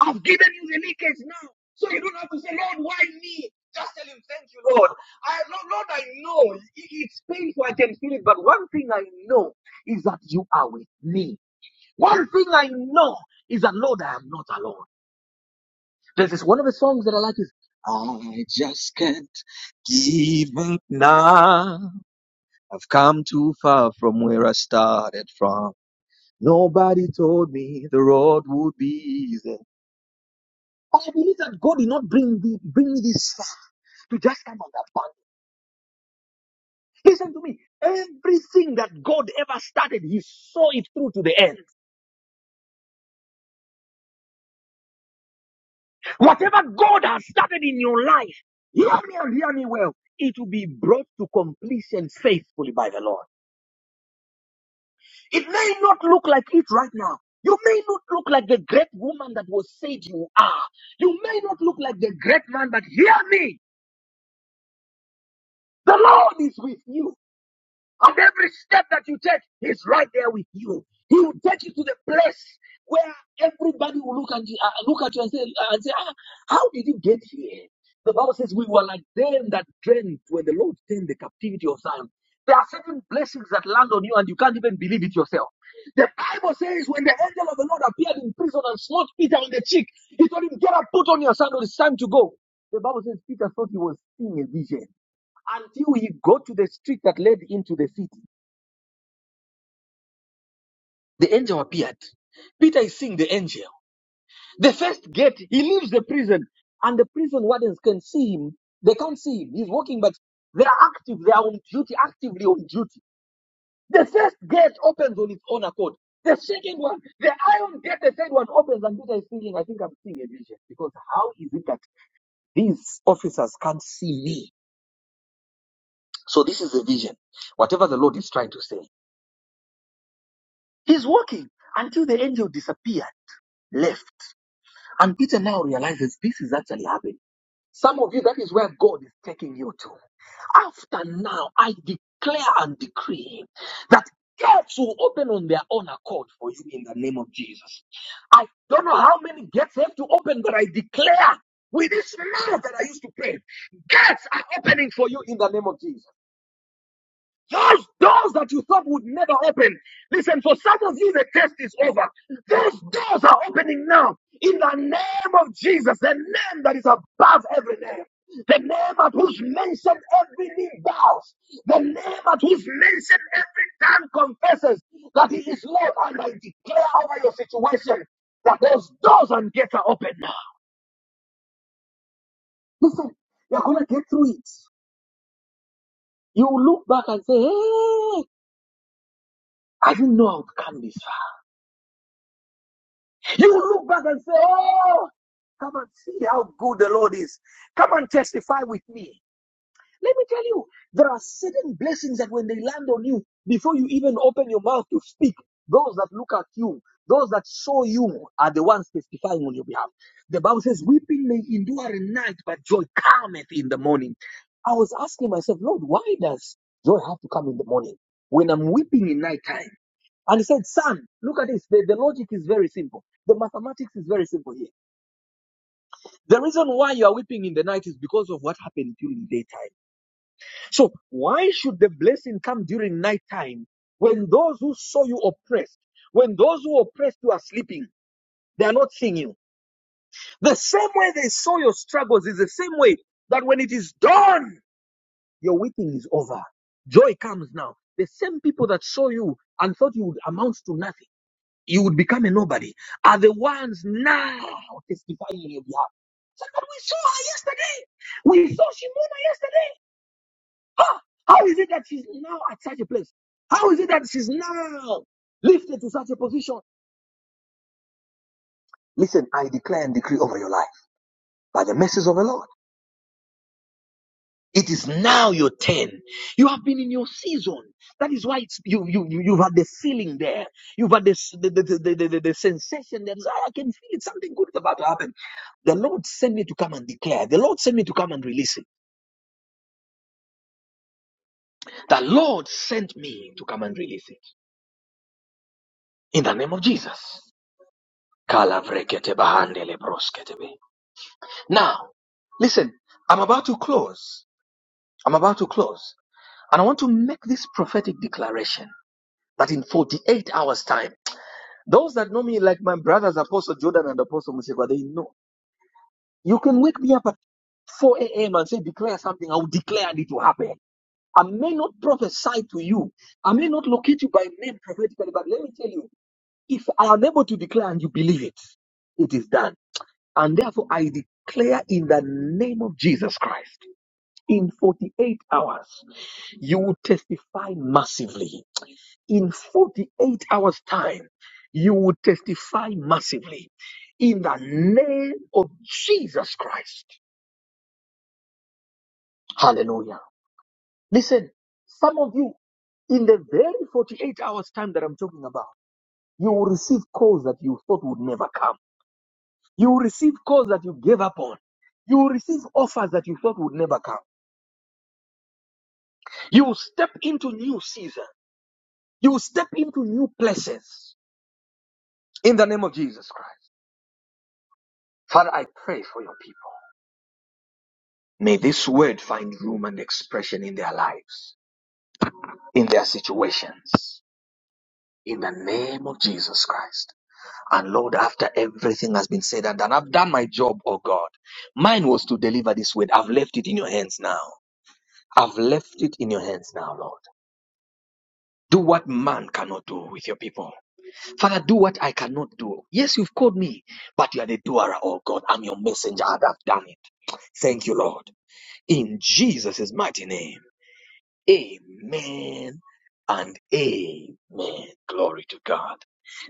I've given you the leakage now. So you don't have to say, Lord, why me? Just tell him, thank you, Lord. I, Lord, Lord, I know it's painful. I can feel it. But one thing I know is that you are with me. One thing I know is that, Lord, I am not alone. There's this one of the songs that I like is, I just can't give up now. I've come too far from where I started from. Nobody told me the road would be easy. I believe that God did not bring the, bring me this far to just come on that bank. Listen to me. Everything that God ever started, He saw it through to the end. Whatever God has started in your life, hear me and hear me well. It will be brought to completion faithfully by the Lord. It may not look like it right now. You may not look like the great woman that was said you are. You may not look like the great man, but hear me. The Lord is with you. And every step that you take, he's right there with you. He will take you to the place where everybody will look at you, uh, look at you and say, uh, and say ah, how did you get here? The Bible says we were like them that dreamt when the Lord turned the captivity of Zion. There are certain blessings that land on you and you can't even believe it yourself. The Bible says when the angel of the Lord appeared in prison and smote Peter on the cheek, he told him, get up, put on your sandals, it's time to go. The Bible says Peter thought he was seeing a vision. Until he got to the street that led into the city, the angel appeared. Peter is seeing the angel. The first gate, he leaves the prison, and the prison wardens can see him. They can't see him. He's walking, but they are active. They are on duty, actively on duty. The first gate opens on its own accord. The second one, the iron gate, the third one opens, and Peter is thinking, I think I'm seeing a vision. Because how is it that these officers can't see me? So this is the vision. Whatever the Lord is trying to say. He's walking until the angel disappeared, left. And Peter now realizes this is actually happening. Some of you, that is where God is taking you to. After now, I declare and decree that gates will open on their own accord for you in the name of Jesus. I don't know how many gates have to open, but I declare with this mouth that I used to pray, gates are opening for you in the name of Jesus. Those doors that you thought would never open. Listen, for some of you, the test is over. Those doors are opening now. In the name of Jesus, the name that is above every name. The name at whose mention every knee bows. The name at whose mention every tongue confesses that he is Lord. And I declare over your situation that those doors and gates are open now. You're going to get through it. You will look back and say, hey, I didn't know I would come this far. You will look back and say, Oh, come and see how good the Lord is. Come and testify with me. Let me tell you, there are certain blessings that when they land on you, before you even open your mouth to speak, those that look at you, those that saw you are the ones testifying on your behalf. The Bible says, Weeping may endure a night, but joy cometh in the morning. I was asking myself, Lord, why does joy have to come in the morning when I'm weeping in nighttime? And he said, Son, look at this. The, the logic is very simple. The mathematics is very simple here. The reason why you are weeping in the night is because of what happened during daytime. So, why should the blessing come during nighttime when those who saw you oppressed, when those who oppressed you are sleeping? They are not seeing you. The same way they saw your struggles is the same way that when it is dawn, your weeping is over. Joy comes now. The same people that saw you and thought you would amount to nothing. you would become a nobody, are the ones now testifying on your behalf. So that we saw her yesterday. We saw Shimona yesterday. How is it that she's now at such a place? How is it that she's now lifted to such a position? Listen, I declare and decree over your life by the mercies of the Lord. It is now your turn. You have been in your season. That is why it's, you, you, you- you've had the feeling there. You've had this, the, the, the, the, the, the sensation that I can feel it. Something good is about to happen. The Lord sent me to come and declare. The Lord sent me to come and release it. The Lord sent me to come and release it. In the name of Jesus. Now, listen, I'm about to close. I'm about to close. And I want to make this prophetic declaration that in 48 hours' time, those that know me, like my brothers, Apostle Jordan and Apostle Musekwa, they know. You can wake me up at 4 a.m. and say, declare something. I will declare and it will happen. I may not prophesy to you. I may not locate you by name prophetically, but let me tell you, if I am able to declare and you believe it, it is done. And therefore, I declare in the name of Jesus Christ, in 48 hours, you will testify massively. In 48 hours' time, you will testify massively. In the name of Jesus Christ. Hallelujah. Listen, some of you, in the very 48 hours' time that I'm talking about, You will receive calls that you thought would never come. You will receive calls that you gave up on. You will receive offers that you thought would never come. You will step into new season. You will step into new places in the name of Jesus Christ. Father, I pray for your people. May this word find room and expression in their lives, in their situations, in the name of Jesus Christ. And Lord, after everything has been said and done, I've done my job, oh God. Mine was to deliver this word. I've left it in your hands now. I've left it in your hands now, Lord. Do what man cannot do with your people. Father, do what I cannot do. Yes, you've called me, but you are the doer, oh God. I'm your messenger and I've done it. Thank you, Lord. In Jesus' mighty name. Amen and amen. Glory to God.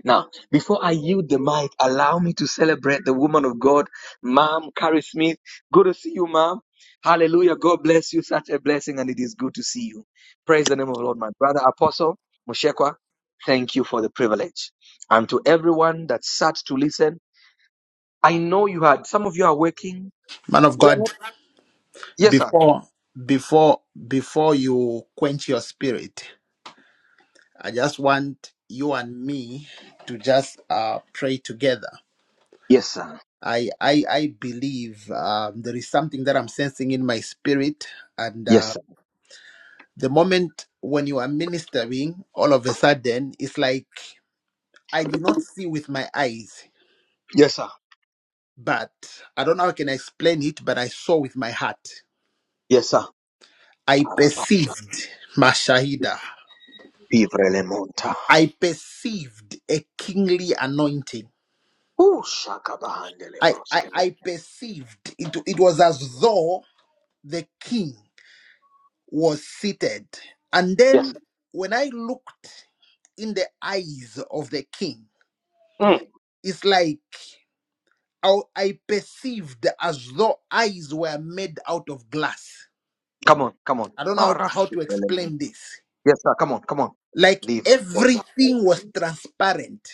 Now, before I yield the mic, allow me to celebrate the woman of God, Mom Carrie Smith. Good to see you, Mom. Hallelujah. God bless you. Such a blessing, and it is good to see you. Praise the name of the Lord, my brother, Apostle Moshekwa. Thank you for the privilege. And to everyone that sat to listen, I know you had some of you are working.
Man of God,
Yes, sir.
before before before you quench your spirit, I just want you and me to just uh, pray together.
Yes, sir.
I I, I believe um, there is something that I'm sensing in my spirit, and
Yes,
uh,
sir.
the moment when you are ministering, all of a sudden, it's like I did not see with my eyes,
Yes, sir.
but I don't know how can I explain it, but I saw with my heart.
Yes, sir.
I
Araba,
perceived Mashahida.
Vivre
I perceived a kingly anointing.
Ooh, shaka bahandele
I, I,
broskebe.
I perceived it, it was as though the king was seated. And
Yes.
then when I looked in the eyes of the king,
Mm.
it's like I, I perceived as though eyes were made out of glass
Come on, come on.
I don't know how how
Marasu
to explain this.
Yes, sir. Come on, come on.
Like
Livre Koza.
everything was transparent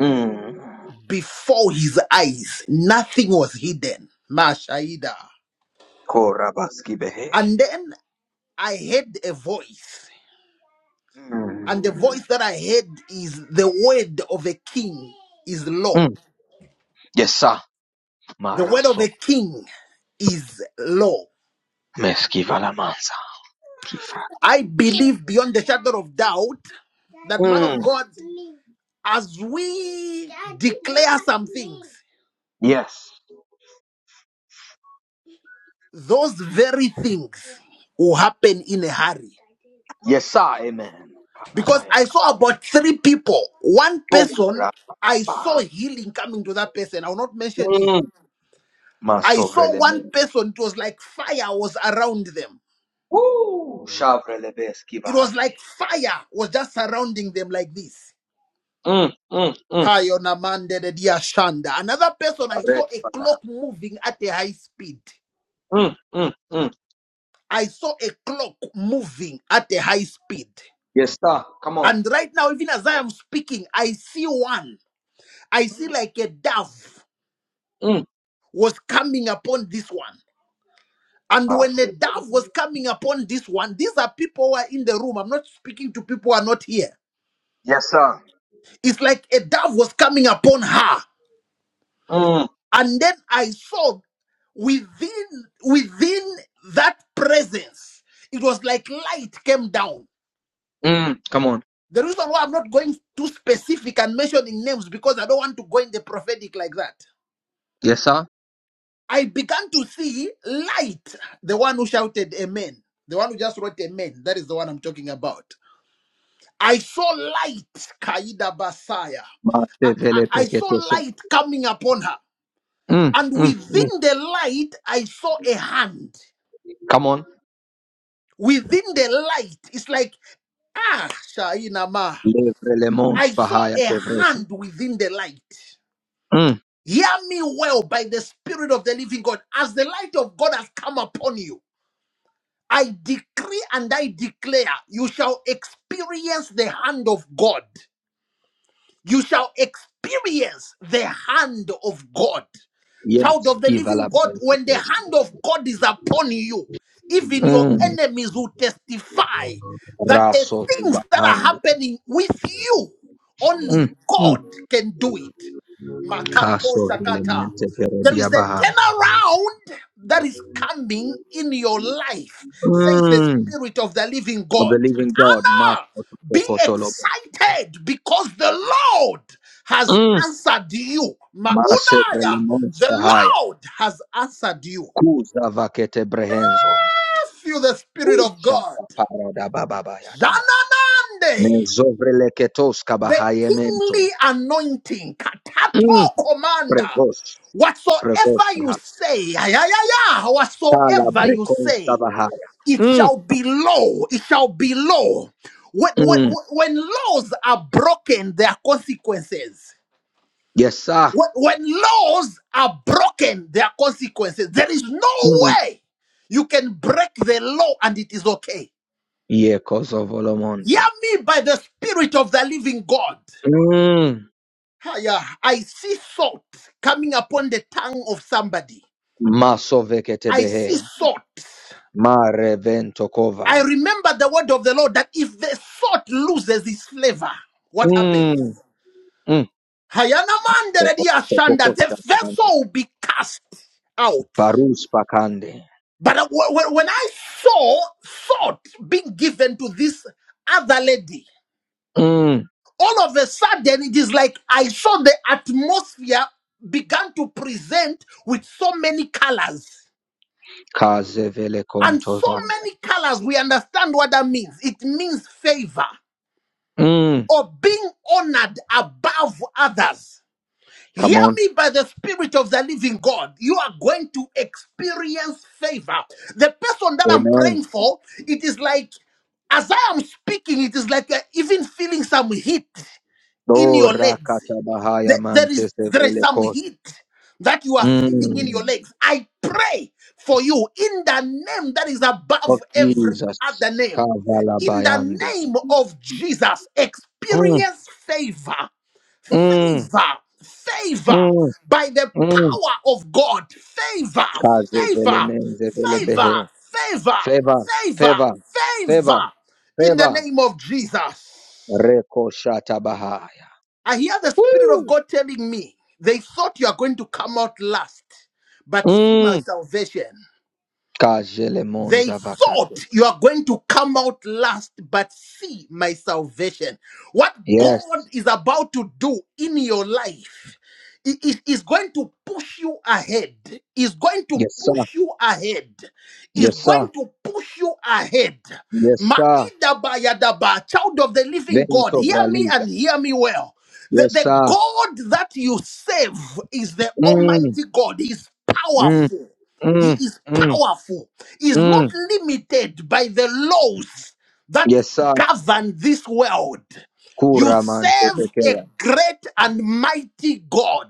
Mm.
before his eyes, nothing was hidden. Mashaida.
Korabaski behe.
And then I heard a voice, and the
Mm.
voice that I heard is the word of a king is law.
Mm. Yes, sir.
The word of
Maraso
a king is law.
meski valamanza. Kifra.
I believe beyond the shadow of doubt that man of
Mm.
God, as we declare some things,
Yes.
Those very things will happen in a hurry.
Yes, sir. Amen.
Because
Kalabaya.
I saw about three people. One person,
Koraba.
I saw healing coming to that person. I will not mention you.
Mm.
I saw one
Masovreleme.
person, it was like fire was around them.
Ooh, shavre lebeski
It was
bahande.
like fire was just surrounding them like this.
Mm, mm, mm.
Payonamande de dia shanda. Another person, I saw a clock moving at a high speed.
Mm, mm, mm.
I saw a clock moving at a high speed.
Yes, sir. Come on.
And right now, even as I am speaking, I see one. I see like a dove
Mm.
was coming upon this one. And
Ah,
when the
say it.
dove was coming upon this one, these are people who are in the room. I'm not speaking to people who are not here.
Yes, sir.
It's like a dove was coming upon her.
Mm.
And then I saw within within that presence, it was like light came down.
Mm. Come on.
The reason why I'm not going too specific and mentioning names because I don't want to go in the prophetic like that.
Yes, sir.
I began to see light. The one who shouted amen. The one who just wrote amen. That is the one I'm talking about. I saw light, Kaida Basaya.
Ma
I,
se
I,
vele
I saw
pekete sa.
light coming upon her.
Mm.
And
Mm. Mm.
within the light, I saw a hand.
Come on.
Within the light, it's like, ah, Shaina Ma.
Levre le
I
mons
saw
bahaya
a
kevrete.
hand within the light.
Mm.
Hear me well by the Spirit of the Living God. As the light of God has come upon you, I decree and I declare you shall experience the hand of God. You shall experience the hand of God. Child
Yes,
of the
kiva
living
la
God,
bele.
when the hand of God is upon you, even your
Mm.
enemies will testify that the
Raso to
things that are
bahanda.
happening with you, only
Mm. Mm.
God can do it. Makato
Kaso vele
Sakata.
mente pero
There is a
diabaha.
turnaround that is coming in your life, says the
Mm.
Spirit of the Living
Of
God.
the living God, Master
Be
Kokotolobo.
excited because the Lord has
Mm.
answered you.
Ma se vele
Maunaya,
mons
the
bahaya.
Lord has answered you.
Kuza vakete brehenzo.
Feel the Spirit of God.
Shakaparadababababada.
Zananande,
Mezovreleketos
the
kabahayemento.
kingly anointing.
Mm.
Katato commander.
Prevost, prevost,
Whatsoever you
aha.
say, ayayaya,
Kala
whatsoever you
brekons
say,
kabahaya.
it
Mm.
shall be law. It shall be law. When, when,
Mm.
when laws are broken, there are consequences.
Yes, sir.
when, when laws are broken, there are consequences. There is
Mm.
no way you can break the law and it is okay. Hear
Yekozovolomonto.
me by the Spirit of the living God.
Mm.
Hiya, I see salt coming upon the tongue of somebody. I see
Masoveketebehe.
salt.
Marevento
I
kova.
remember the word of the Lord that if the salt loses its flavor, what happens?
Mm. Mm.
Hayana man deredia shanda, The
Topokosha bahande.
vessel will be cast out.
Parus pakande.
But I- wh- wh- when I saw thought being given to this other lady,
Mm.
all of a sudden it is like I saw the atmosphere began to present with so many colors.
Kaze vele
And so
kontovaya.
many colors, we understand what that means. It means favor
Mm.
or being honored above others.
Come
Hear
on.
me by the Spirit of the Living God. You are going to experience favor. The person that I'm
Amen.
praying for, it is like, as I am speaking, it is like you're even feeling some heat in
Oh,
your legs
Rakatabahaya
there, there is
Mantis de
there is some
Velikos.
heat that you are feeling in your
Mm.
legs. I pray for you in the name that is
Of
above every
Jesus.
other name.
Kavala
In the
Bayande.
name of Jesus,
Mm.
experience favor,
Mm.
favor, favor
Mm.
by the
Mm.
power of God. Favor,
Kaze Vele
favor,
Menze Vele
favor,
Behe.
favor,
Favor.
favor,
Favor.
favor
Favor.
in the
Favor.
name of Jesus.
Reko Shatabahaya.
I hear the Spirit of
Woo.
God telling me, they thought you are going to come out last, but see my
Mm.
salvation.
Kajele
They
Monza
thought
Vakate.
you are going to come out last, but see my salvation. What God
Yes.
is about to do in your life i- i- is going to push you ahead, is going to
Yes, sir.
push you ahead, is
Yes, sir.
going to push you ahead.
Yes, sir.
Maidabayadaba, Child of the living God,
Vento
hear me
Vraliga.
and hear me well. The,
Yes,
the
sir.
God that you serve is the
Mm.
Almighty God, He's
Mm.
powerful. He
Mm.
is
Mm.
powerful is not
Mm.
limited by the laws that
Yesa
govern this world. You
kura mante
serve a
pekea.
great and mighty God.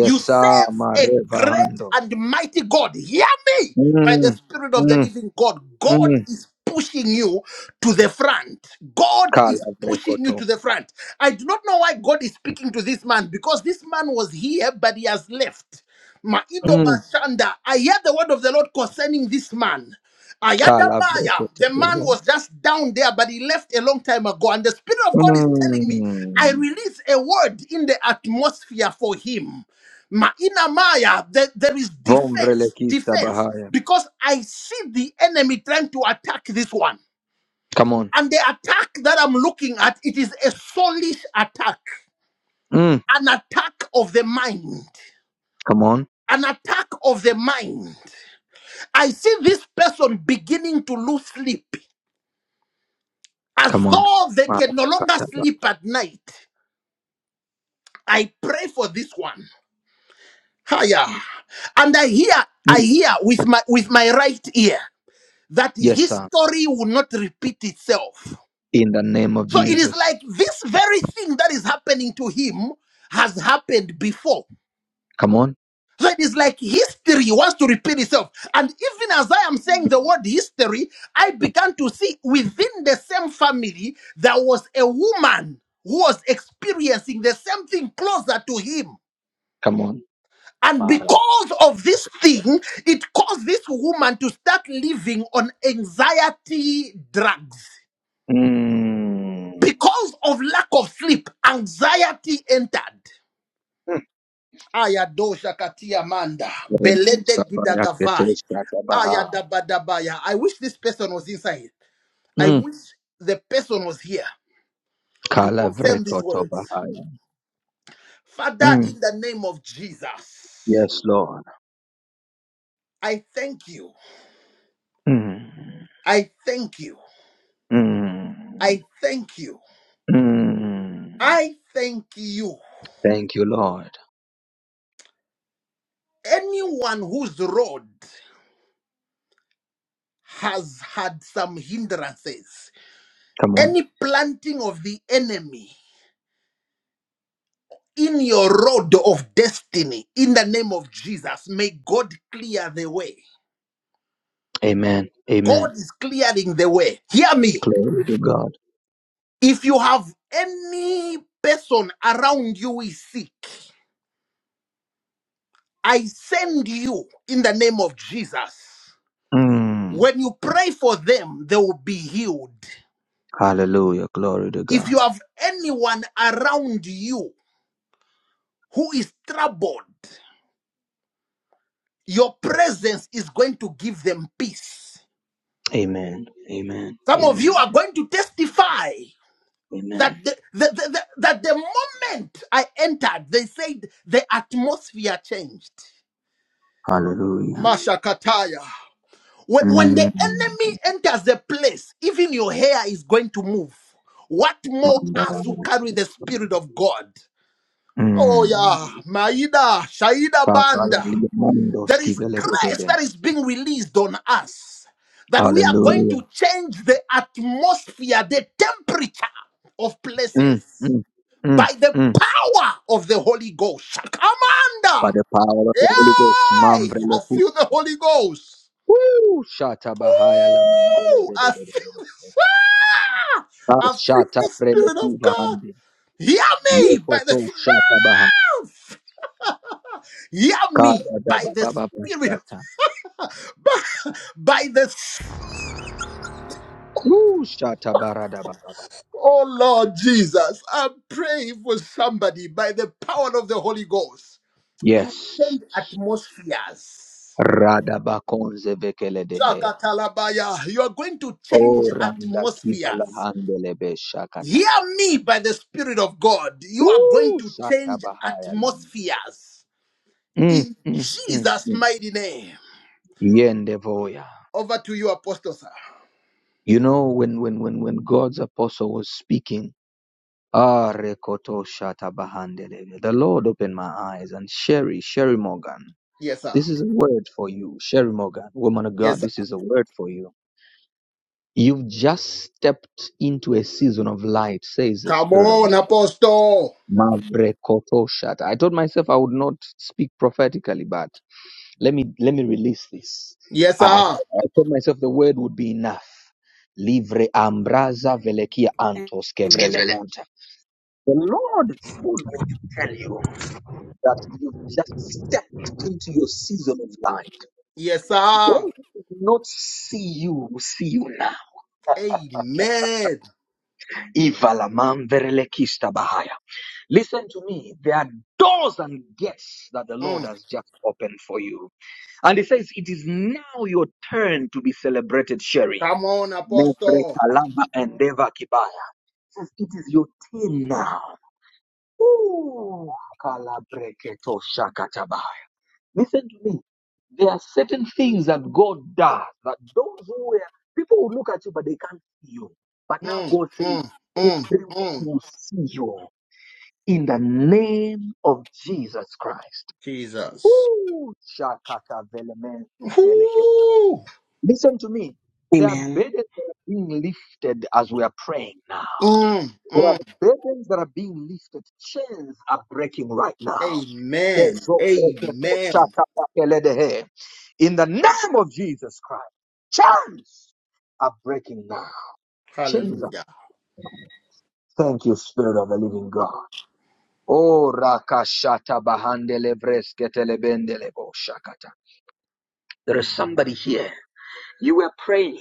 You serve a
mareva
great
hando.
and mighty God. Hear me by the
Mm.
Spirit of the
Mm.
living God. God
Mm.
is pushing you to the front. God
Kala
is pushing you
brekoto.
to the front. I do not know why God is speaking to this man because this man was here, but he has left. Maido
Mm.
Bashanda, I hear the word of the Lord concerning this man.
Kala
Ayadabaya,
brekete
the man was just down there, but he left a long time ago. And the Spirit of God is telling me, I
Mm.
release a word in the atmosphere for him. Maina Maya, there, there is
Vombre
defense,
lekista
defense,
bahaya.
because I see the enemy trying to attack this one.
Come on.
And the attack that I'm looking at, it is a soulish attack,
Mm.
an attack of the mind,
Come on.
an attack of the mind. I see this person beginning to lose sleep as
Come on.
though they can no longer
Marakataba.
sleep at night. I pray for this one. Higher. And I hear, I
Mm.
hear with my with my right ear that
Yes, sir.
history will not repeat itself.
In the name of
So it is
Jesus.
like this very thing that is happening to him has happened before
Come on.
So it is like history wants to repeat itself. And even as I am saying the word history, I began to see within the same family, there was a woman who was experiencing the same thing closer to him.
Come on.
And
Mara.
because of this thing, it caused this woman to start living on anxiety drugs.
Mm.
Because of lack of sleep, anxiety entered. Ayadosha katia manda. Belede
Remusa bayakete
gidagavai.
shakabaha.
Ayadabadabaya. I wish this person was inside. I wish the person was here to confirm these
Kalavreko
words.
Tobahaya.
Father,
Mm.
in the name of Jesus,
Yes, Lord.
I thank you.
Mm.
I thank you.
Mm.
I thank you.
Mm.
I thank you.
Thank you, Lord.
Anyone whose road has had some hindrances,
Come on.
any planting of the enemy in your road of destiny in the name of Jesus. May God clear the way.
Amen. Amen.
God is clearing the way. Hear me.
Glory to God.
If you have any person around you is sick, I send you in the name of Jesus.
Mm.
When you pray for them, they will be healed.
Hallelujah. Glory to
If
God.
you have anyone around you who is troubled, your presence is going to give them peace.
Amen. Amen.
Some of you
Amen.
are going to testify
Amen.
that the, the, the, the- that the moment I entered, they said the atmosphere changed.
Hallelujah.
Mashakataya. When, when the
Mm.
enemy enters the place, even your hair is going to move. What more
Mandala.
us who carry the Spirit of God? Oh,
Mm.
yeah. Maida, Shaida
Papa,
Banda.
le mondo
There is
schivele
grace
vedere.
that is being released on us that we are going
Hallelujah.
to change the atmosphere, the temperature of
Mm.
places.
Mm. Mm.
by the
Mm.
power of the Holy Ghost.
By
Shakamanda!
the power of the Holy
Yay! I
Ghost,
feel the Holy Ghost.
Woo! Shata bahaya la mandele
Ooh!
bede
I
bede
feel
bede.
this. Ah!
Ah,
I feel
shata
the
prele
Spirit of
kuva
God.
hande.
Hear me
Yeko
by the
to shata baha.
ah! Hear me
Kara da
by
ba
the
ba ba ba
Spirit. of-
shata.
By, by the
Woo! Shata barada ba ba ba ba ba ba ba
Oh
ka.
Lord Jesus, I'm praying for somebody by the power of the Holy Ghost. You
Yes.
change atmospheres.
Rada bakonze vekele dehea.
Shakatalabaya. You are going to change
O randa kiva la
atmospheres.
handele be shakata.
Hear me by the Spirit of God. You are going
Woo!
to
Shata
change
bahaya le.
atmospheres
Mm,
in
mm, mm,
Jesus'
mm.
mighty name.
Yende voya.
Over to you, Apostle, sir.
You know when when when when God's apostle was speaking Ah, Rekoto Shata Bahandele. The Lord opened my eyes and Sherry, Sherry Morgan.
Yes, sir.
This is a word for you, Sherry Morgan, woman of
Yes,
God.
sir.
This is a word for you. You've just stepped into a season of light, says the
Come
Spirit of the
on,
Lord.
Apostle.
Ma Rekoto Shata. I told myself I would not speak prophetically, but let me let me release this.
Yes,
I, I,
sir.
I told myself the word would be enough. Livre ambraza velekia antos
Let's
kevre
give
le
it
monte. The Lord told me to tell you. that you've just stepped into your season of life.
Yes, sir.
Those who do not see you will see you now.
Amen.
Ivalaman verelekista bahaya. Listen to me. There are doors and gates that the Lord
Mm.
has just opened for you. And he says, It is now your turn to be celebrated, Sherry.
Come on,
Mevre
Apostle.
kalaba endeva kibaya. Says, It is your turn now. Ooh, kalabreketo shakataba. Listen to me. There are certain things that God does that those who were people will look at you, but they can't see you. But now
Mm,
God says,
mm, mm,
everyone
mm.
will see you in the name of Jesus Christ.
Jesus.
Ooh, shakata velemen veleke.
Woo.
Listen to me.
a
There are
Amen.
burdens that are being lifted as we are praying now.
Mm, mm.
Burdens that are being lifted, chains are breaking right now.
Amen.
Yes, so- okay, so,
Amen.
shakata veledehe. In the name of Jesus Christ, chains are breaking now. Chains are
Hallelujah.
breaking. Thank you, Spirit of the Living God. Oh, rakashata bahandele bresketele bendele boshakata. There is somebody here. You were praying,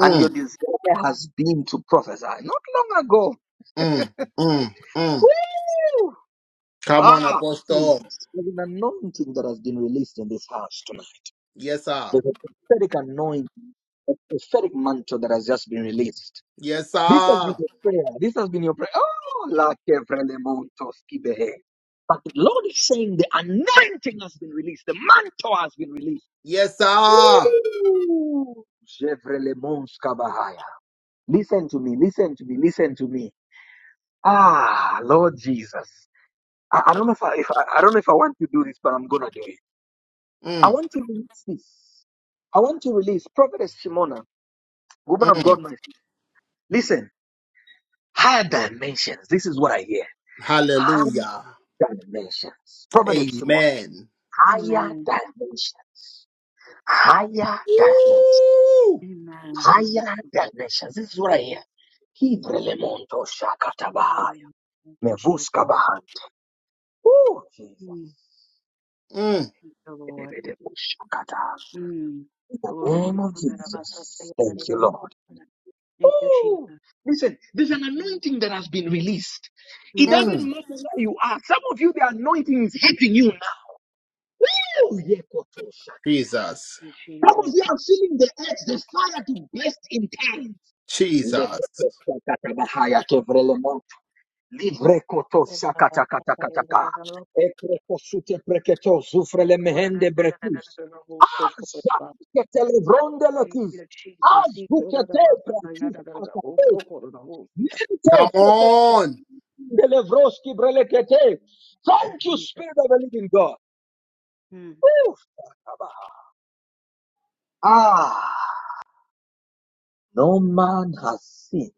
and your desire has been to prophesy not long ago.
mm, mm, mm.
Woo!
Come on,
Ah,
Apostle.
Jesus. There's an anointing that has been released in this house tonight.
Yes, sir.
There's a prophetic anointing, a prophetic mantle that has just been released.
Yes,
This has been
sir.
your prayer. This has been your prayer. Oh, la que vremontos kibehe. But the Lord is saying the anointing has been released. The mantle has been released.
Yes, sir.
Ooh, jevrelemons kabahaya. Listen to me. Listen to me. Listen to me. Ah, Lord Jesus. I, I don't know if I, if I I don't know if I want to do this, but I'm gonna do it. I
Mm,
want to release this. I want to release Prophetess Shimona, woman of
mm.
God. My listen. Higher dimensions. This is what I hear
Hallelujah.
dimensions. Prophetess Shimon,
Amen.
higher
Amen.
dimensions. Higher dimensions.
Woo.
Amen. Thank you.
Higher dimensions. This is what I hear. Hibrelemonto
Jesus.
shakatabahaya.
Mm. Thank you,
Mevuska
Jesus.
bahanda. Oh, Jesus.
Mm.
Mm,
Thank you, Lord.
Edebedebushakata.
Mm.
In the
Glory.
name of Jesus. Thank you, Lord.
Thank you, Jesus. Mm. Thank you,
Ooh.
Jesus.
Listen, there's an anointing that has been released. It
Thank
doesn't
mm.
matter where you are. Some of you, the anointing is hitting you now. Oh, yekoto
Jesus.
you,
Some of
Jesus.
you are feeling the edge, the fire to burst in time.
Jesus.
Lekotoshakatabahaya kevrelemon.
Thank
Livrekotoshakatakatakataka.
you, Jesus.
Ekrekosute preketo zufrele mehende brekus. Ashakete levronde lekis. Azukete pratis akate. Mento
Come
sokomende
on.
levroski brelekete. Thank you, Spirit of the Living God.
Mm.
Oof. Ah, no man has seen,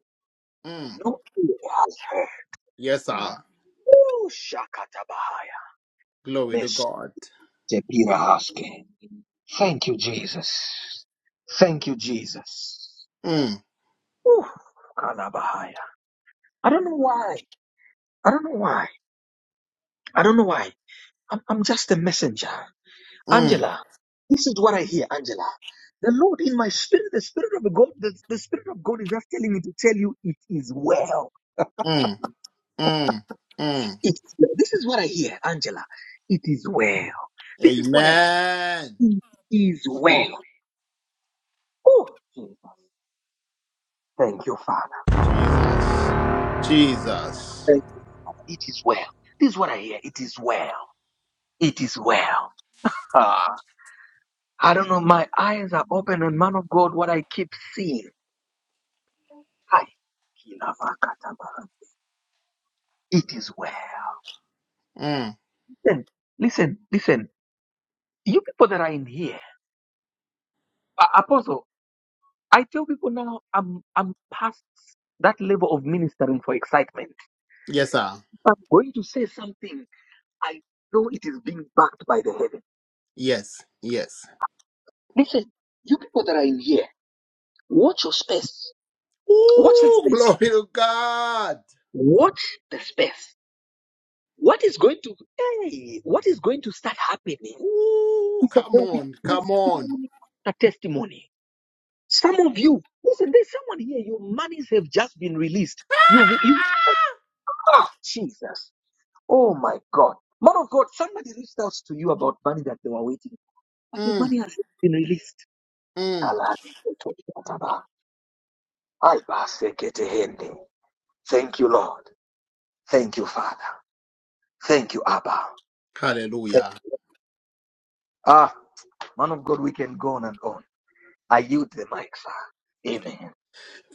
Mm.
no ear has heard
Yes, sir.
Shakatabahaya.
Glory to
Mr.
God.
Pirahaske. Thank you, Jesus. Thank you, Jesus.
Mm,
Ooh, Kanabahaya. I don't know why. I don't know why. I don't know why. I'm, I'm just a messenger.
mm,
Angela, this is what I hear, Angela. The Lord in my spirit, the spirit of God, the, the spirit of God is just telling me to tell you it is well.
mm, mm, mm.
It is well. This is what I hear, Angela. It is well. This is what I
Amen.
it is well. Oh, Jesus. Thank you, Father.
Jesus. Jesus.
Thank It is well. This is what I hear. It is well. It is well. Ah, I don't know. My eyes are open on man of God. What I keep seeing. Hi. It is well.
Mm.
Listen, listen, listen. You people that are in here, A- Apostle, I tell people now I'm I'm past that level of ministering for excitement.
Yes, sir.
I'm going to say something. I know it is being backed by the heaven.
Yes. Yes.
Listen, you people that are in here, watch your space. Watch the
Ooh,
space
glory to God.
What the space? What is going to hey, what is going to start happening
Ooh,
is that
come
there will be
on. Come on.
testimony after testimony. Some of you, listen, there's someone here, your monies have just been released. You you
Ah!
ah Jesus. Oh my God. Man of God, somebody reached out to you about money that they were waiting, for, but the
Mm,
money has been released.
mm.
Thank you, Lord. Thank you, Father. Thank you, Abba.
Hallelujah.
Ah, man of God, we can go on and on. I yield the mic, sir. Amen.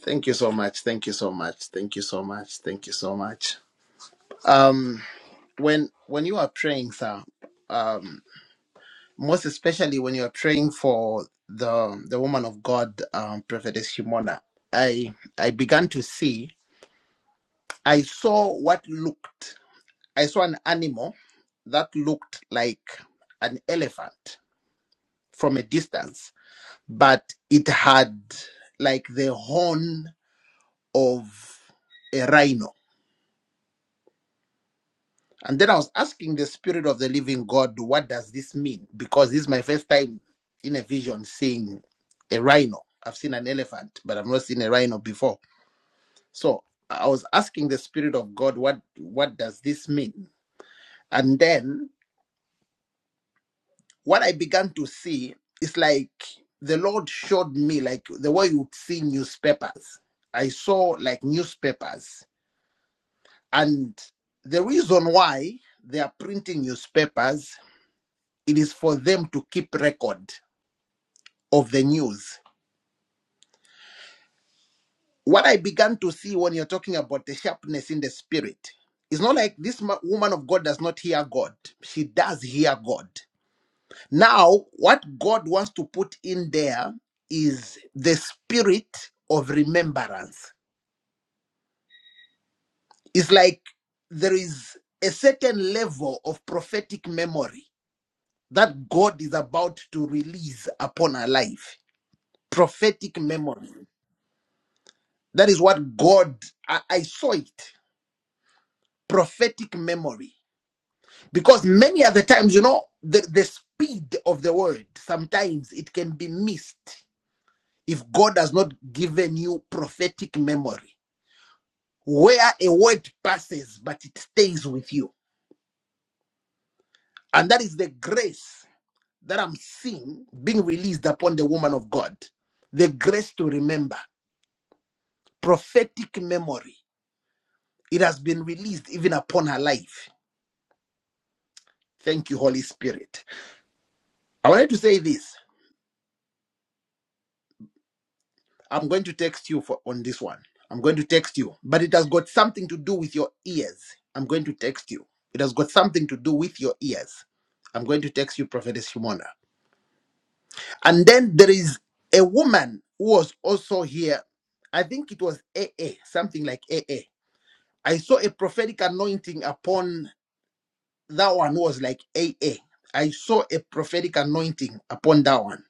Thank you so much. Thank you so much. Thank you so much. Thank you so much. Um, when when you are praying, sir, um, most especially when you're praying for the the woman of God, um, Prophetess Shimona, I I began to see. I saw what looked. I saw an animal that looked like an elephant from a distance, but it had like the horn of a rhino And then I was asking the spirit of the living God, what does this mean? Because this is my first time in a vision seeing a rhino. I've seen an elephant, but I've not seen a rhino before. So I was asking the spirit of God, what what does this mean? And then what I began to see is like the Lord showed me like the way you would see newspapers. I saw like newspapers. And the reason why they are printing newspapers it is for them to keep record of the news. What I began to see when you're talking about the sharpness in the spirit, it's not like this ma- woman of God does not hear God. She does hear God. Now, what God wants to put in there is the spirit of remembrance. It's like there is a certain level of prophetic memory that God is about to release upon our life. Prophetic memory. That is what God, I, I saw it, prophetic memory. Because many other times, you know, the, the speed of the word, sometimes it can be missed if God has not given you prophetic memory, where a word passes, but it stays with you. And that is the grace that I'm seeing being released upon the woman of God. The grace to remember, prophetic memory. It has been released even upon her life. Thank you, Holy Spirit. I wanted to say this. I'm going to text you for on this one. I'm going to text you, but it has got something to do with your ears. I'm going to text you. It has got something to do with your ears. I'm going to text you, Prophetess Shimona. And then there is a woman who was also here. I think it was AA, something like AA. I saw a prophetic anointing upon that one who was like AA. I saw a prophetic anointing upon that one.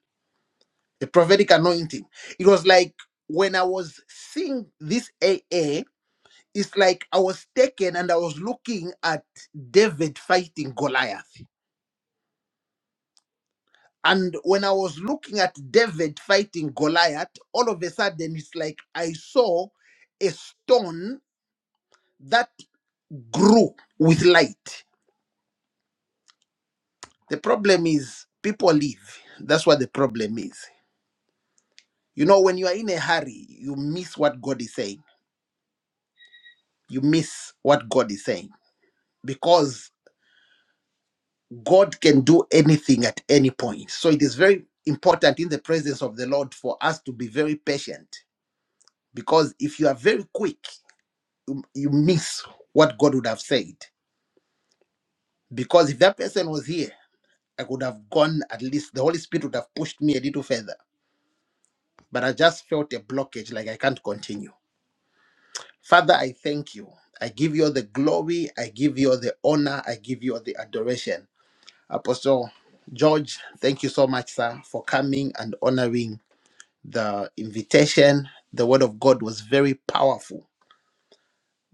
the prophetic anointing. It was like when I was seeing this AA, it's like I was taken and I was looking at David fighting Goliath. And when I was looking at David fighting Goliath, all of a sudden it's like I saw a stone that grew with light. The problem is people leave. That's what the problem is. You know, when you are in a hurry, you miss what God is saying. You miss what God is saying because God can do anything at any point. So it is very important in the presence of the Lord for us to be very patient because if you are very quick, you miss what God would have said. Because if that person was here, I could have gone at least, the Holy Spirit would have pushed me a little further. But I just felt a blockage, like I can't continue. Father, I thank you. I give you all the glory. I give you all the honor. I give you all the adoration. Apostle George, thank you so much, sir, for coming and honoring the invitation, the word of God was very powerful.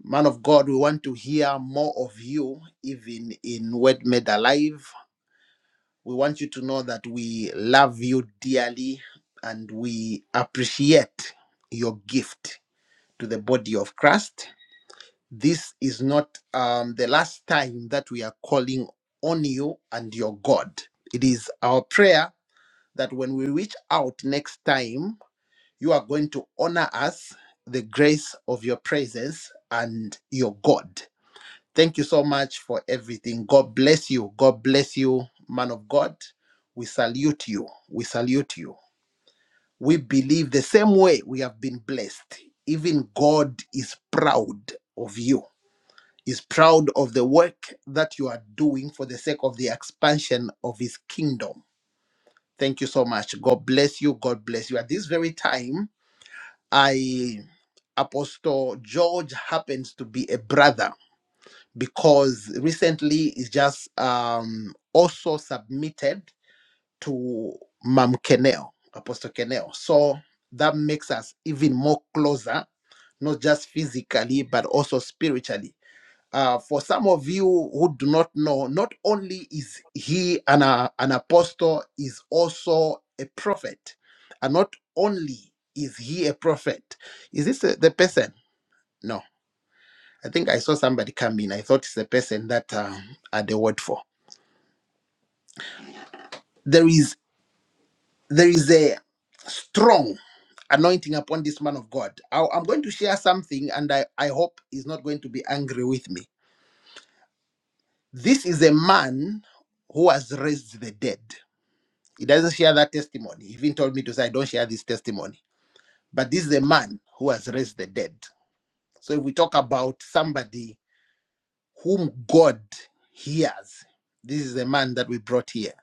Man of God, we want to hear more of you, even in Word Made Alive. We want you to know that we love you dearly and we appreciate your gift to the body of Christ. This is not um, the last time that we are calling on you and your God. It is our prayer that when we reach out next time, You are going to honor us, the grace of your presence and your God. Thank you so much for everything. God bless you. God bless you, man of God. We salute you. We salute you. We believe the same way we have been blessed. Even God is proud of you, is proud of the work that you are doing for the sake of the expansion of his kingdom. Thank you so much. God bless you. God bless you. At this very time, I Apostle George happens to be a brother because recently he's just um, also submitted to Mam Kenel, Apostle Kenel. So that makes us even more closer, not just physically, but also spiritually. Uh, for some of you who do not know, not only is he an, uh, an apostle, is also a prophet. And not only is he a prophet, is this the the person? No. I think I saw somebody come in. I thought it's the person that uh, I had the word for. There is there is a strong anointing upon this man of God. I, I'm going to share something, and I, I hope he's not going to be angry with me. This is a man who has raised the dead. He doesn't share that testimony. He even told me to say, I don't share this testimony. But this is a man who has raised the dead. So if we talk about somebody whom God hears, this is the man that we brought here,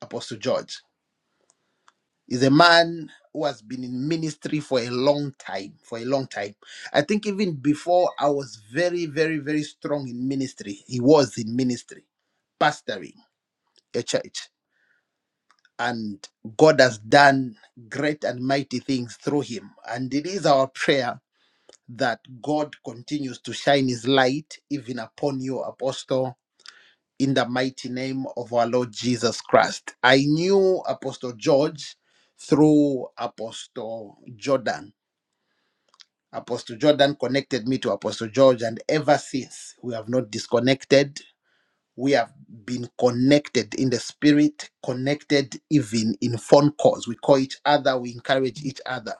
Apostle George. He's a man who has been in ministry for a long time. For a long time. I think even before I was very, very, very strong in ministry, he was in ministry, pastoring a church. And God has done great and mighty things through him. And it is our prayer that God continues to shine his light even upon you, Apostle in the mighty name of our Lord Jesus Christ. I knew Apostle George through Apostle Jordan. Apostle Jordan connected me to Apostle George, and ever since we have not disconnected. We have been connected in the spirit, connected even in phone calls. We call each other, we encourage each other.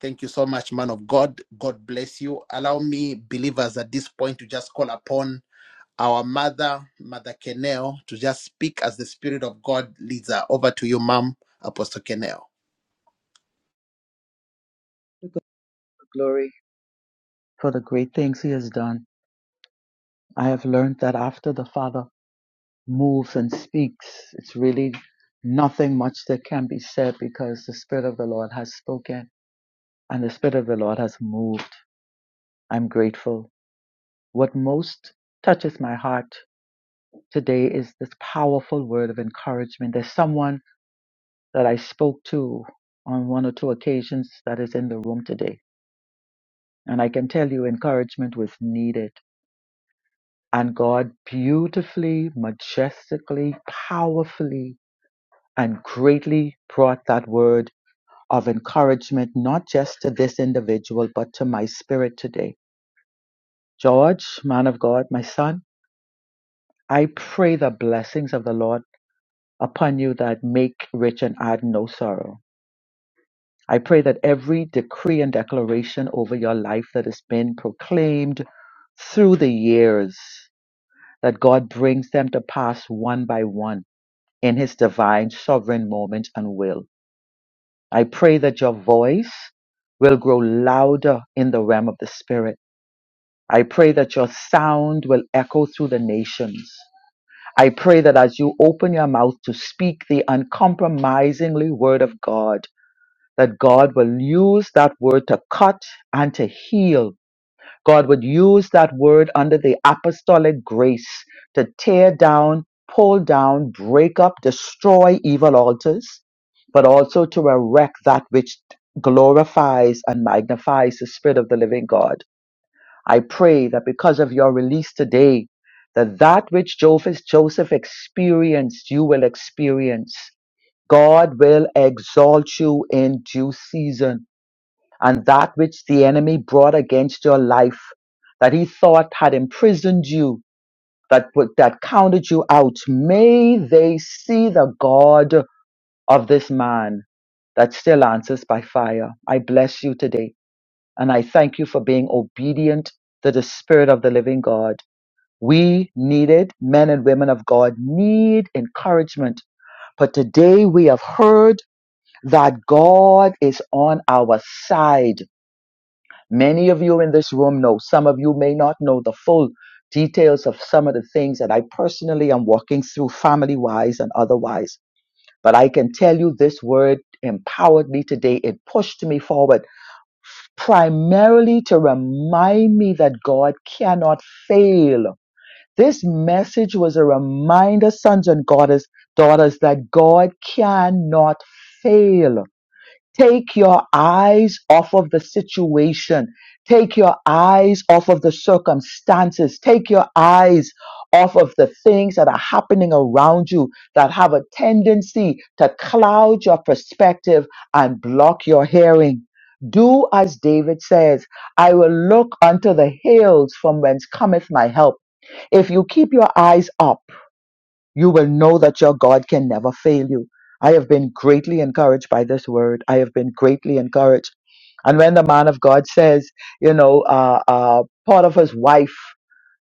Thank you so much, man of God. God bless you. Allow me, believers, at this point to just call upon our mother, Mother Kenel, to just speak as the Spirit of God leads her. Over to you, Mom, Apostle Kenel.
preach. glory for the great things he has done. I have learned that after the Father moves and speaks, it's really nothing much that can be said because the Spirit of the Lord has spoken and the Spirit of the Lord has moved. I'm grateful. What most touches my heart today is this powerful word of encouragement. There's someone that I spoke to on one or two occasions that is in the room today. And I can tell you, encouragement was needed And God beautifully, majestically, powerfully, and greatly brought that word of encouragement, not just to this individual, but to my spirit today. George, man of God, my son, I pray the blessings of the Lord upon you that make rich and add no sorrow. I pray that every decree and declaration over your life that has been proclaimed through the years, that God brings them to pass one by one in his divine sovereign moment and will. I pray that your voice will grow louder in the realm of the spirit. I pray that your sound will echo through the nations. I pray that as you open your mouth to speak the uncompromisingly word of God, that God will use that word to cut and to heal God would use that word under the apostolic grace to tear down, pull down, break up, destroy evil altars, but also to erect that which glorifies and magnifies the Spirit of the living God. I pray that because of your release today, that that which Joseph, Joseph experienced, you will experience. God will exalt you in due season and that which the enemy brought against your life that he thought had imprisoned you, that, put- that counted you out. May they see the God of this man that still answers by fire. I bless you today, and I thank you for being obedient to the Spirit of the living God. We needed, men and women of God need encouragement. But today we have heard that God is on our side. Many of you in this room know, some of you may not know the full details of some of the things that I personally am walking through, family wise and otherwise. But I can tell you this word empowered me today. It pushed me forward primarily to remind me that God cannot fail. This message was a reminder, sons and daughters, daughters, that God cannot fail. Take your eyes off of the situation. Take your eyes off of the circumstances. Take your eyes off of the things that are happening around you that have a tendency to cloud your perspective and block your hearing. Do as David says, I will look unto the hills from whence cometh my help. If you keep your eyes up, you will know that your God can never fail you. I have been greatly encouraged by this word. I have been greatly encouraged. And when the man of God says, you know, uh, uh, Potiphar's wife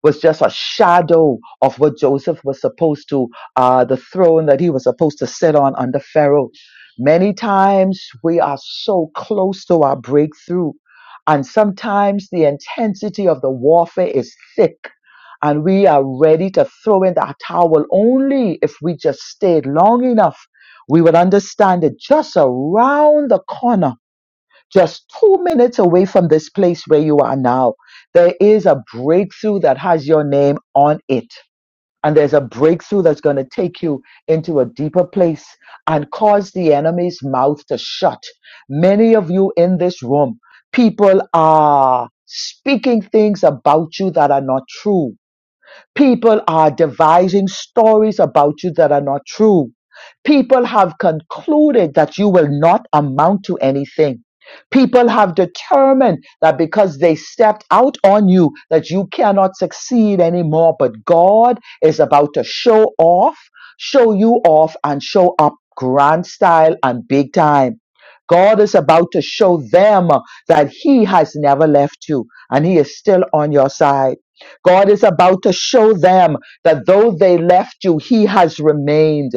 was just a shadow of what Joseph was supposed to, uh, the throne that he was supposed to sit on under Pharaoh. Many times we are so close to our breakthrough. And sometimes the intensity of the warfare is thick and we are ready to throw in that towel only if we just stayed long enough. We will understand that just around the corner, just two minutes away from this place where you are now, there is a breakthrough that has your name on it. And there's a breakthrough that's going to take you into a deeper place and cause the enemy's mouth to shut. Many of you in this room, people are speaking things about you that are not true People are devising stories about you that are not true. People have concluded that you will not amount to anything. People have determined that because they stepped out on you, that you cannot succeed anymore. But God is about to show off, show you off, and show up grand style and big time. God is about to show them that He has never left you and He is still on your side. God is about to show them that though they left you, He has remained.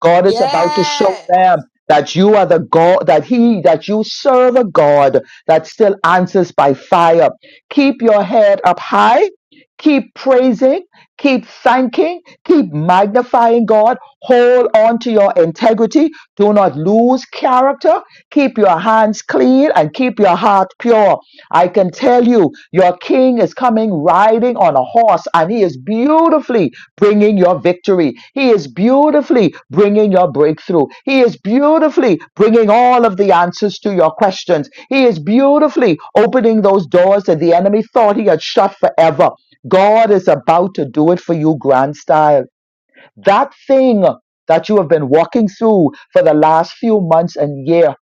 God is about to show
Yes.
them that you are the God, that He, that you serve a God that still answers by fire. Keep your head up high. Keep praising, keep thanking, keep magnifying God. Hold on to your integrity. Do not lose character. Keep your hands clean and keep your heart pure I can tell you, your king is coming riding on a horse and he is beautifully bringing your victory. He is beautifully bringing your breakthrough. He is beautifully bringing all of the answers to your questions. He is beautifully opening those doors that the enemy thought he had shut forever. God is about to do it for you, grand style. That thing that you have been walking through for the last few months and year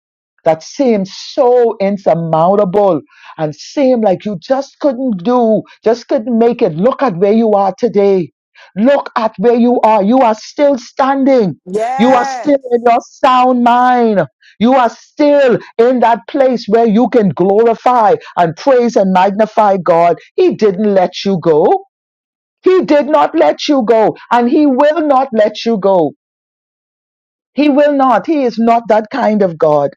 that seemed so insurmountable and seemed like you just couldn't do, just couldn't make it. Look at where you are today. Look at where you are. You are still standing. You are still in
Yes.
your sound mind. You are still in that place where you can glorify and praise and magnify God. He didn't let you go. He did not let you go, and He will not let you go. He will not. He is not that kind of God.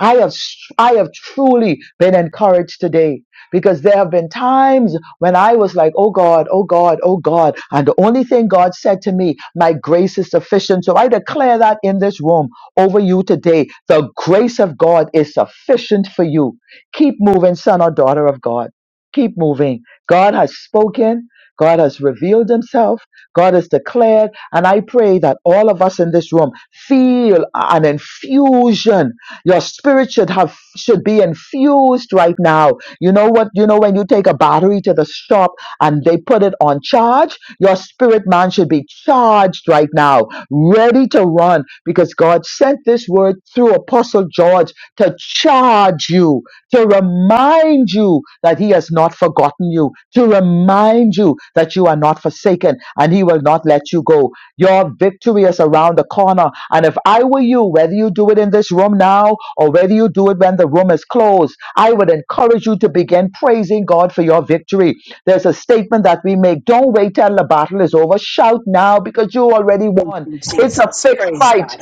I have, I have truly been encouraged today because there have been times when I was like, oh God, oh God, oh God. And the only thing God said to me, my grace is sufficient. So I declare that in this room over you today. The grace of God is sufficient for you. Keep moving, son or daughter of God. Keep moving. God has spoken. God has revealed himself. God has declared. And I pray that all of us in this room feel an infusion. Your spirit should have should be infused right now. You know what? You know when you take a battery to the shop and they put it on charge, your spirit man should be charged right now, ready to run, because God sent this word through Apostle George to charge you to remind you that He has not forgotten you, to remind you that you are not forsaken and He will not let you go. Your victory is around the corner. And if I were you, whether you do it in this room now or whether you do it when the room is closed, I would encourage you to begin praising God for your victory. There's a statement that we make don't wait till the battle is over. Shout now because you already
Thank
won.
you,
It's a
Jesus.
fixed
Praise
fight.
God.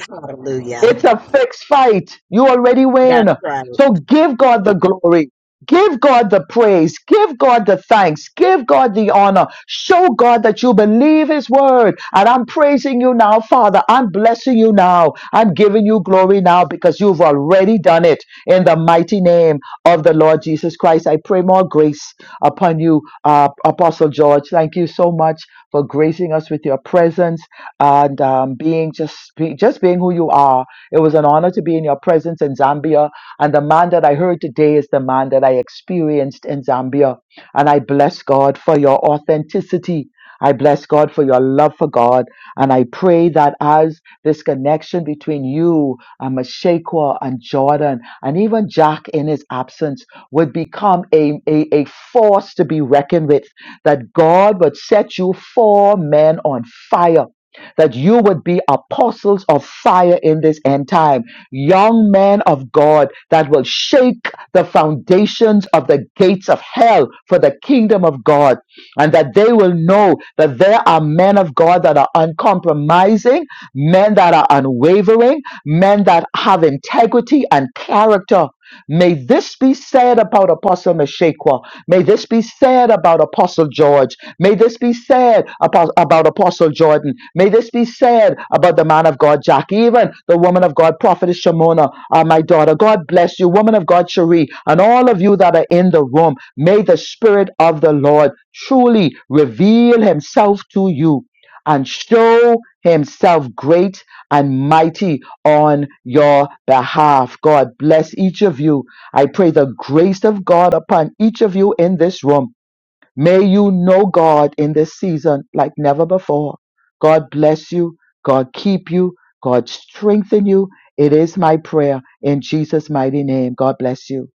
It's
Hallelujah.
a fixed fight. You already win.
That's right.
So give God the glory. Give God the praise. Give God the thanks. Give God the honor. Show God that you believe His word. And I'm praising you now, Father. I'm blessing you now. I'm giving you glory now because you've already done it in the mighty name of the Lord Jesus Christ. I pray more grace upon you, uh, Apostle George. Thank you so much for gracing us with your presence and um, being just be, just being who you are it was an honor to be in your presence in Zambia. And the man that I heard today is the man that I experienced in Zambia. And I bless God for your authenticity. I bless God for your love for God. And I pray that as this connection between you and Mashaqua and Jordan and even Jack in his absence would become a, a, a force to be reckoned with, that God would set you four men on fire that you would be apostles of fire in this end time, young men of God that will shake the foundations of the gates of hell for the kingdom of God, and that they will know that there are men of God that are uncompromising men that are unwavering, men that have integrity and character. May this be said about Apostle Meshaqua. May this be said about Apostle George. May this be said about, about Apostle Jordan. May this be said about the man of God, Jack, even the woman of God, Prophetess Shimona, uh, my daughter. God bless you, woman of God, Cherie, and all of you that are in the room. May the Spirit of the Lord truly reveal Himself to you and show himself great and mighty on your behalf. God bless each of you. I pray the grace of God upon each of you in this room. May you know God in this season like never before. God bless you. God keep you. God strengthen you. It is my prayer in Jesus' mighty name. God bless you.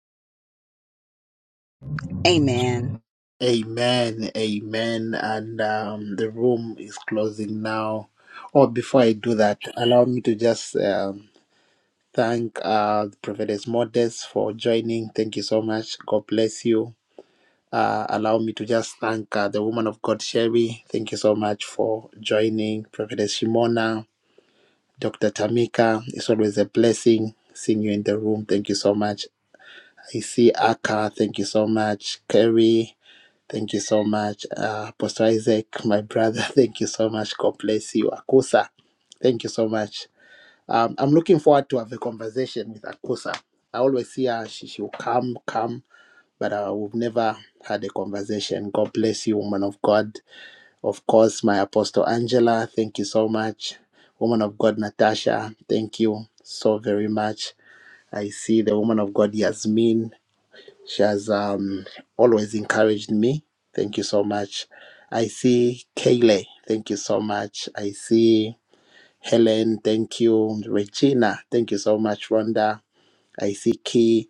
Amen.
Amen, amen. And um, the room is closing now. Oh, before I do that, allow me to just um, thank uh, Prophetess Modest for joining. Thank you so much. God bless you. Uh, allow me to just thank uh, the woman of God, Sherry. Thank you so much for joining. Prophetess Shimona, Dr. Tamika, it's always a blessing seeing you in the room. Thank you so much. I see Aka, thank you so much. Kerry, thank you so much. Uh, Apostle Isaac, my brother, thank you so much. God bless you. Akusa, thank you so much. Um, I'm looking forward to have a conversation with Akusa. I always see her, she, she'll come, come, but uh, we've never had a conversation. God bless you, woman of God. Of course, my Apostle Angela, thank you so much. Woman of God, Natasha, thank you so very much. I see the woman of God, Yasmin. She has um, always encouraged me. Thank you so much. I see Kaylee. Thank you so much. I see Helen. Thank you. Regina. Thank you so much, Rhonda. I see Key.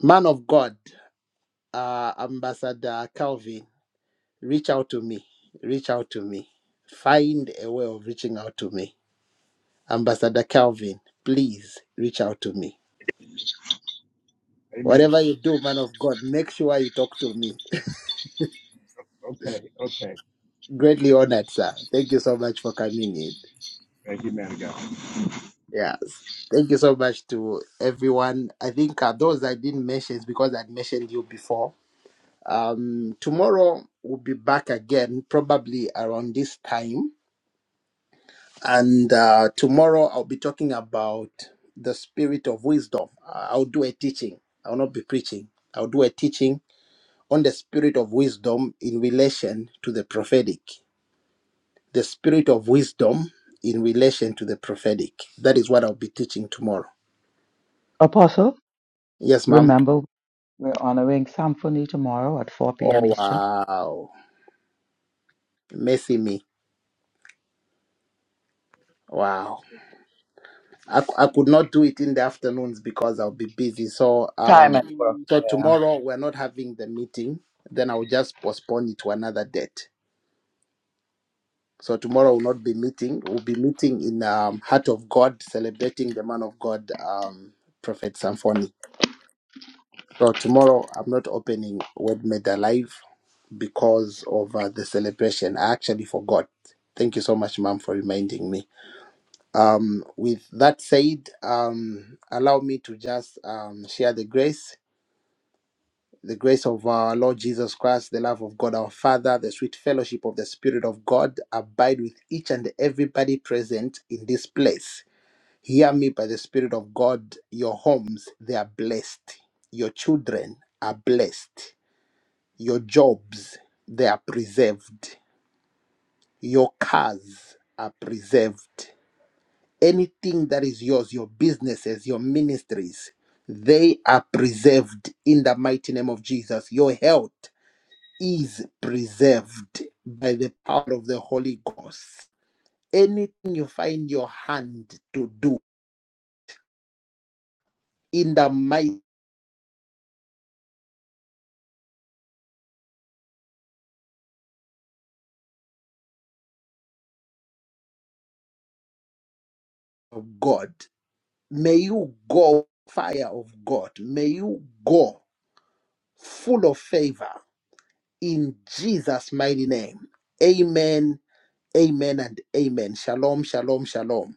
Man of God, uh, Ambassador Calvin. reach out to me. Reach out to me. Find a way of reaching out to me. Ambassador Calvin, please reach out to me.
Amen.
Whatever you do, man of God, make sure you talk to me.
Okay. Okay.
Greatly honored, sir. Thank you so much for coming in.
Thank you, man of God.
Yes. Thank you so much to everyone. I think uh, those I didn't mention is because I'd mentioned you before. Um, tomorrow we'll be back again, probably around this time And uh, tomorrow I'll be talking about the spirit of wisdom. I- I'll do a teaching. I'll not be preaching. I'll do a teaching on the spirit of wisdom in relation to the prophetic. The spirit of wisdom in relation to the prophetic. That is what I'll be teaching tomorrow.
Apostle,
Yes, ma'am.
remember, we're honoring Symphony tomorrow at 4 p.m.
Oh,
Eastern.
wow. Messy me. Wow. I, c- I could not do it in the afternoons because I'll be busy. So um
Time at work.
Mm.
so
Yeah.
tomorrow we're not having the meeting. Then I'll just postpone it to another date. So tomorrow will not be meeting. We'll be meeting in um, Heart of God, celebrating the man of God, um, Prophet Samphony. So tomorrow I'm not opening Word Made Alive because of uh, the celebration. I actually forgot. Thank you so much, Mom, for reminding me. Um, with that said, um, allow me to just um, share the grace, the grace of our Lord Jesus Christ, the love of God our Father, the sweet fellowship of the Spirit of God abide with each and everybody present in this place. Hear me by the Spirit of God. Your homes, they are blessed. Your children are blessed. Your jobs, they are preserved. Your cars are preserved. anything that is yours, your businesses, your ministries, they are preserved in the mighty name of Jesus. Your health is preserved by the power of the Holy Ghost. Anything you find your hand to do in the might of God, may you go fire of God. May you go full of favor in Jesus' mighty name. Amen, amen, and amen. Shalom, shalom, shalom.